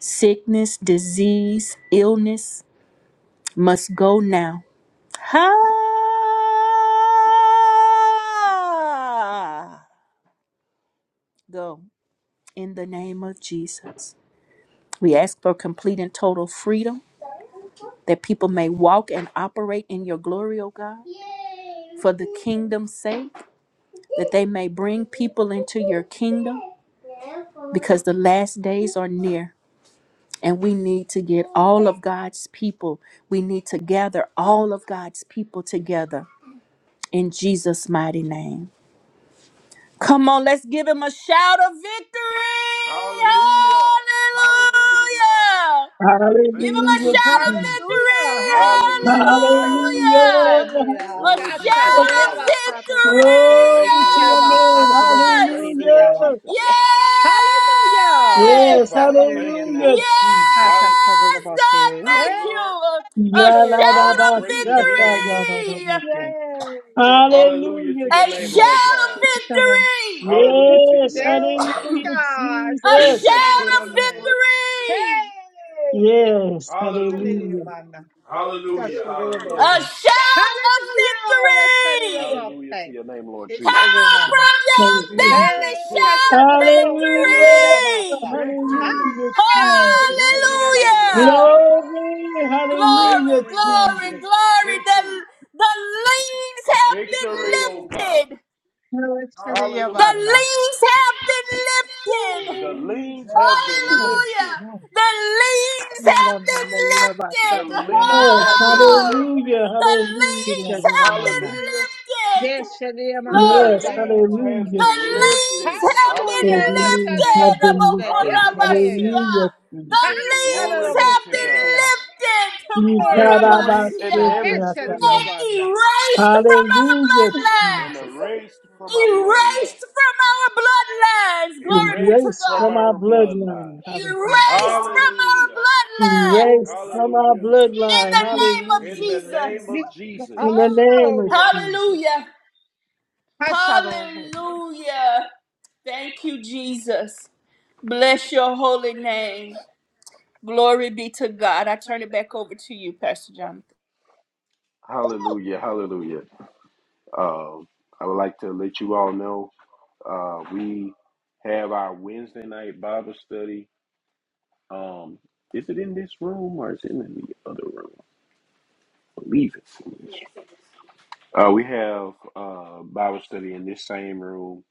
Speaker 1: Sickness, disease, illness must go now. Ha! Go in the name of Jesus. We ask for complete and total freedom that people may walk and operate in your glory, O God, for the kingdom's sake, that they may bring people into your kingdom because the last days are near. And we need to get all of God's people. We need to gather all of God's people together in Jesus' mighty name. Come on, let's give him a shout of victory.
Speaker 2: Hallelujah. Hallelujah, Father.
Speaker 1: Hallelujah.
Speaker 2: Thank
Speaker 1: Give him
Speaker 2: you,
Speaker 1: a
Speaker 2: Lord
Speaker 4: Hallelujah,
Speaker 1: shout
Speaker 2: Jesus.
Speaker 1: of
Speaker 4: Jesus.
Speaker 6: Hallelujah,
Speaker 1: victory.
Speaker 6: hallelujah.
Speaker 2: Hallelujah.
Speaker 6: We shout
Speaker 1: Hallelujah.
Speaker 6: out
Speaker 2: Hallelujah.
Speaker 4: Hallelujah.
Speaker 6: about that here.
Speaker 1: A
Speaker 2: Glory be
Speaker 6: God
Speaker 2: to
Speaker 6: shout
Speaker 2: the
Speaker 4: Hallelujah.
Speaker 1: shout
Speaker 6: it
Speaker 1: of
Speaker 6: out
Speaker 2: Father.
Speaker 6: about that, about
Speaker 1: victory.
Speaker 6: that. It
Speaker 2: Thank
Speaker 4: Glory
Speaker 2: you,
Speaker 1: Yes.
Speaker 4: to
Speaker 6: is
Speaker 2: Lord
Speaker 4: your
Speaker 6: about
Speaker 2: Jesus.
Speaker 6: that,
Speaker 4: name.
Speaker 6: about that.
Speaker 2: Thank
Speaker 6: It
Speaker 2: you,
Speaker 6: is
Speaker 2: Lord
Speaker 6: about
Speaker 4: Hallelujah.
Speaker 2: Jesus.
Speaker 6: that. Hallelujah.
Speaker 2: Thank you,
Speaker 6: Yes,
Speaker 4: Yes,
Speaker 6: shout
Speaker 2: Father.
Speaker 6: it in
Speaker 2: Thank
Speaker 6: there
Speaker 2: you,
Speaker 6: now.
Speaker 4: hallelujah,
Speaker 2: Lord.
Speaker 6: Ah,
Speaker 4: Jesus.
Speaker 2: Our
Speaker 6: God shout it
Speaker 2: champion,
Speaker 6: about
Speaker 1: Yes.
Speaker 6: that.
Speaker 2: our Lord,
Speaker 1: Yes.
Speaker 6: Yes.
Speaker 2: our
Speaker 6: I
Speaker 4: Yaladabashata,
Speaker 2: great
Speaker 6: hear the
Speaker 2: redeemer.
Speaker 6: bass.
Speaker 4: yaladabashata.
Speaker 6: Yes.
Speaker 2: Hallelujah
Speaker 1: Hallelujah!
Speaker 2: to
Speaker 4: Hallelujah,
Speaker 2: your
Speaker 4: Jesus.
Speaker 6: Come on.
Speaker 2: hallelujah to your
Speaker 4: Yes,
Speaker 1: Hallelujah.
Speaker 2: name,
Speaker 6: Yes,
Speaker 2: Father.
Speaker 4: hallelujah,
Speaker 6: God. Yes,
Speaker 4: Jesus.
Speaker 6: shout it
Speaker 2: Put
Speaker 6: about that.
Speaker 2: underfoot.
Speaker 4: Yes,
Speaker 2: Hallelujah.
Speaker 4: hallelujah.
Speaker 1: Hallelujah.
Speaker 6: Hey.
Speaker 2: Hallelujah. Hallelujah.
Speaker 1: A
Speaker 6: Hallelujah.
Speaker 1: shout of victory!
Speaker 2: Hallelujah to
Speaker 6: Hallelujah.
Speaker 2: your name, Lord Jesus.
Speaker 1: Come on
Speaker 6: Ishadamana.
Speaker 1: from your
Speaker 2: It has
Speaker 4: Hallelujah.
Speaker 2: been
Speaker 1: belly,
Speaker 6: Hey,
Speaker 2: put
Speaker 1: shout
Speaker 6: kasana
Speaker 2: under
Speaker 6: da
Speaker 2: your
Speaker 6: bolsa da
Speaker 4: Hallelujah,
Speaker 2: foot.
Speaker 6: da yabasta.
Speaker 1: victory!
Speaker 2: Victory.
Speaker 4: hallelujah,
Speaker 6: Hey, sadi
Speaker 2: Victory to your name,
Speaker 6: yabasta.
Speaker 1: Hallelujah!
Speaker 2: Lord God.
Speaker 4: Glory,
Speaker 2: Victory,
Speaker 1: Glory,
Speaker 4: hallelujah,
Speaker 2: Lord.
Speaker 1: glory,
Speaker 4: Jesus.
Speaker 1: glory! The, the leaves have been
Speaker 2: Victory, oh God.
Speaker 1: lifted.
Speaker 6: Hey, sadi
Speaker 2: Hallelujah.
Speaker 1: The
Speaker 6: yabana.
Speaker 1: liens have been lifted.
Speaker 2: The
Speaker 6: Ooh,
Speaker 2: leans have
Speaker 6: kulame.
Speaker 1: Hallelujah. The liens have
Speaker 6: Kulame
Speaker 1: been
Speaker 6: da yabasta da
Speaker 1: lifted.
Speaker 4: Yes,
Speaker 6: yabasta da yabu.
Speaker 1: Oh,
Speaker 2: been
Speaker 4: hallelujah,
Speaker 1: the liens
Speaker 4: hallelujah.
Speaker 6: Ishadi
Speaker 2: set.
Speaker 1: have been
Speaker 6: yamana.
Speaker 2: Hallelujah.
Speaker 1: lifted.
Speaker 6: Yes, shadi yamana
Speaker 4: Yes,
Speaker 1: Glory.
Speaker 6: sada da
Speaker 2: Leans
Speaker 4: hallelujah,
Speaker 2: have
Speaker 6: bolsa.
Speaker 2: been
Speaker 1: The
Speaker 4: Jesus.
Speaker 1: liens
Speaker 2: lifted.
Speaker 1: have been
Speaker 4: The
Speaker 6: Hallelujah,
Speaker 2: Hallelujah.
Speaker 4: demons
Speaker 6: shadi da
Speaker 1: lifted.
Speaker 4: have been lifted.
Speaker 6: bolsa.
Speaker 1: Abokorabashia.
Speaker 4: Hallelujah,
Speaker 1: The
Speaker 4: Jesus.
Speaker 1: liens have been
Speaker 6: Hashadadaboseria.
Speaker 1: lifted.
Speaker 6: Hey,
Speaker 1: Korabashia.
Speaker 2: Seven
Speaker 4: Ikarabaskekeatarabas.
Speaker 2: sisters
Speaker 1: And
Speaker 6: Hashadidabana.
Speaker 1: erased from our
Speaker 4: Hallelujah, Jesus.
Speaker 1: bloodlines
Speaker 2: erased from our,
Speaker 1: erased from our bloodlines. Glory be to
Speaker 4: Erased from
Speaker 1: God.
Speaker 4: our
Speaker 2: our bloodline.
Speaker 4: bloodline, hallelujah.
Speaker 1: Erased from our
Speaker 2: Hallelujah.
Speaker 4: Erased
Speaker 1: bloodlines.
Speaker 6: Ooh,
Speaker 4: from our
Speaker 2: Hallelujah.
Speaker 1: In
Speaker 4: bloodline,
Speaker 1: the name of
Speaker 4: hallelujah.
Speaker 2: In the Name
Speaker 1: Jesus.
Speaker 2: of
Speaker 6: this-
Speaker 4: In the
Speaker 2: Jesus.
Speaker 4: name of
Speaker 6: Oh,
Speaker 4: Jesus.
Speaker 1: Hallelujah.
Speaker 6: Hashadadaboseria.
Speaker 1: Hallelujah. Thank you, Jesus. Bless your holy name. Glory be to God. I turn it back over to you, Pastor Jonathan.
Speaker 2: Hallelujah. Hallelujah. Um, I would like to let you all know. Uh, we have our Wednesday night Bible study. Um, is it in this room or is it in the other room? I believe it's. Uh, we have uh, Bible study in this same room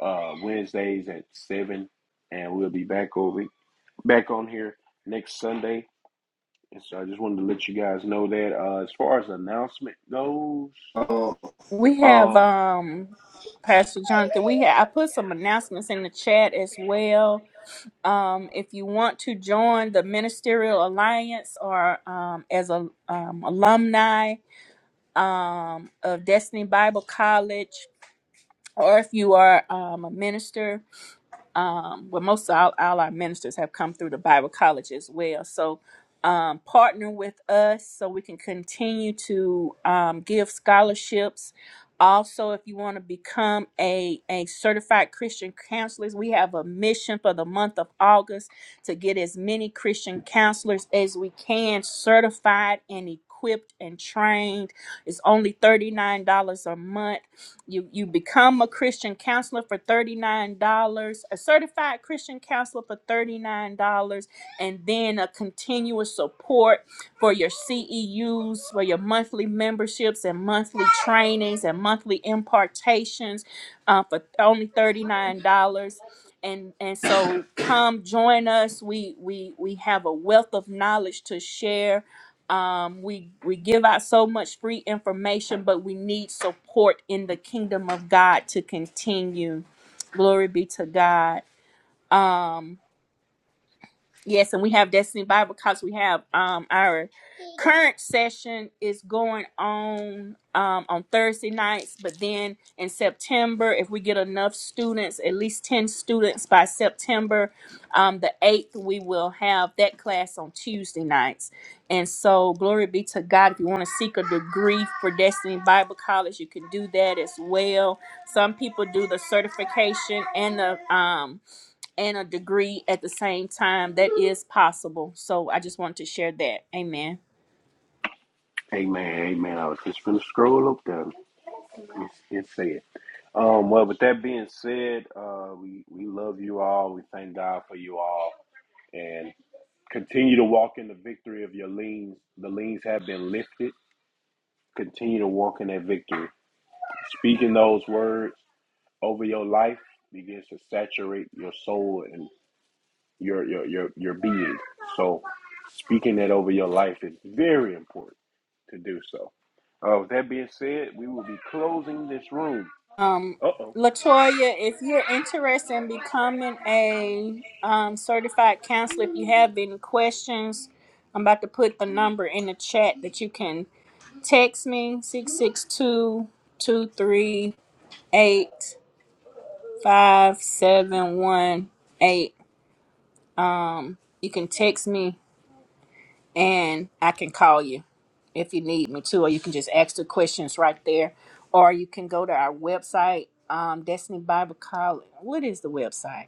Speaker 2: uh, Wednesdays at seven, and we'll be back over back on here next Sunday. And so I just wanted to let you guys know that uh, as far as announcement goes,
Speaker 1: We have
Speaker 2: um,
Speaker 1: um Pastor Jonathan, we have I put some announcements in the chat as well um, if you want to join the Ministerial Alliance or um, as a um, alumni um, of Destiny Bible College, or if you are um, a minister um, well, most of all, all our ministers have come through the Bible College as well. So um, partner with us so we can continue to um, give scholarships. Also, if you want to become a, a certified Christian counselor, we have a mission for the month of August to get as many Christian counselors as we can certified and equipped and trained. It's only $39 a month you you become a Christian counselor for $39, a certified Christian counselor for $39, and then a continuous support for your CEUs, for your monthly memberships and monthly trainings and monthly impartations uh, for only $39. And, and so come join us. We, we we have a wealth of knowledge to share um, we we give out so much free information but we need support in the kingdom of god to continue glory be to god Um, Yes, and we have Destiny Bible College. We have um our current session is going on um on Thursday nights, but then in September, if we get enough students, at least ten students by September, um the eighth, we will have that class on Tuesday nights. And so, glory be to God. If you want to seek a degree for Destiny Bible College, you can do that as well. Some people do the certification and the um and a degree at the same time. That is possible. So I just wanted to share that. Amen.
Speaker 2: hey man, hey man, I was just gonna scroll up there. It's, it's sad. Um, well, with that being said, uh, we, we love you all. We thank God for you all. And continue to walk in the victory of your liens. The liens have been lifted. Continue to walk in that victory. Speaking those words over your life begins to saturate your soul and your your your, your being. So speaking that over your life is very important to do so. Uh, with that being said, we will be closing this room.
Speaker 1: Um,
Speaker 2: Uh oh.
Speaker 1: Latoya, if you're interested in becoming a um, certified counselor, if you have any questions, I'm about to put the number in the chat that you can text me six six two two three eight five seven one eight. You can text me and I can call you if you need me to, or you can just ask the questions right there, or you can go to our website, um, Destiny Bible College. What is the website?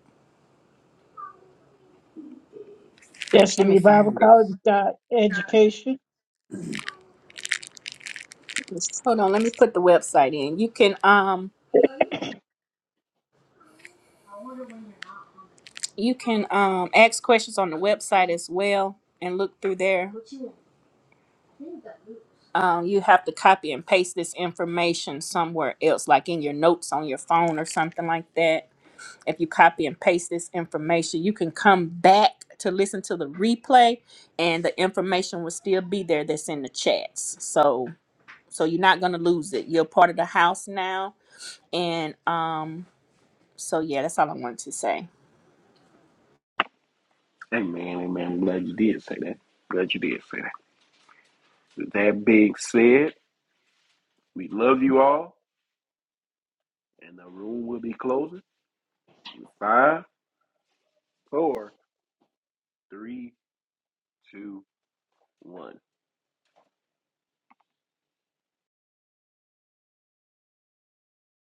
Speaker 1: Let me
Speaker 4: Destiny Bible
Speaker 1: find it.
Speaker 4: College got education Yes.
Speaker 1: Hold on, let me put the website in. You can um you can um ask questions on the website as well and look through there. Um, you have to copy and paste this information somewhere else, like in your notes on your phone or something like that If you copy and paste this information, you can come back to listen to the replay and the information will still be there that's in the chats. So so you're not gonna lose it. You're part of the house now. And um so yeah, that's all I wanted to say.
Speaker 2: Amen, amen. I'm glad you did say that. Glad you did say that. With that being said, we love you all, and the room will be closing in five, four, three, two, one.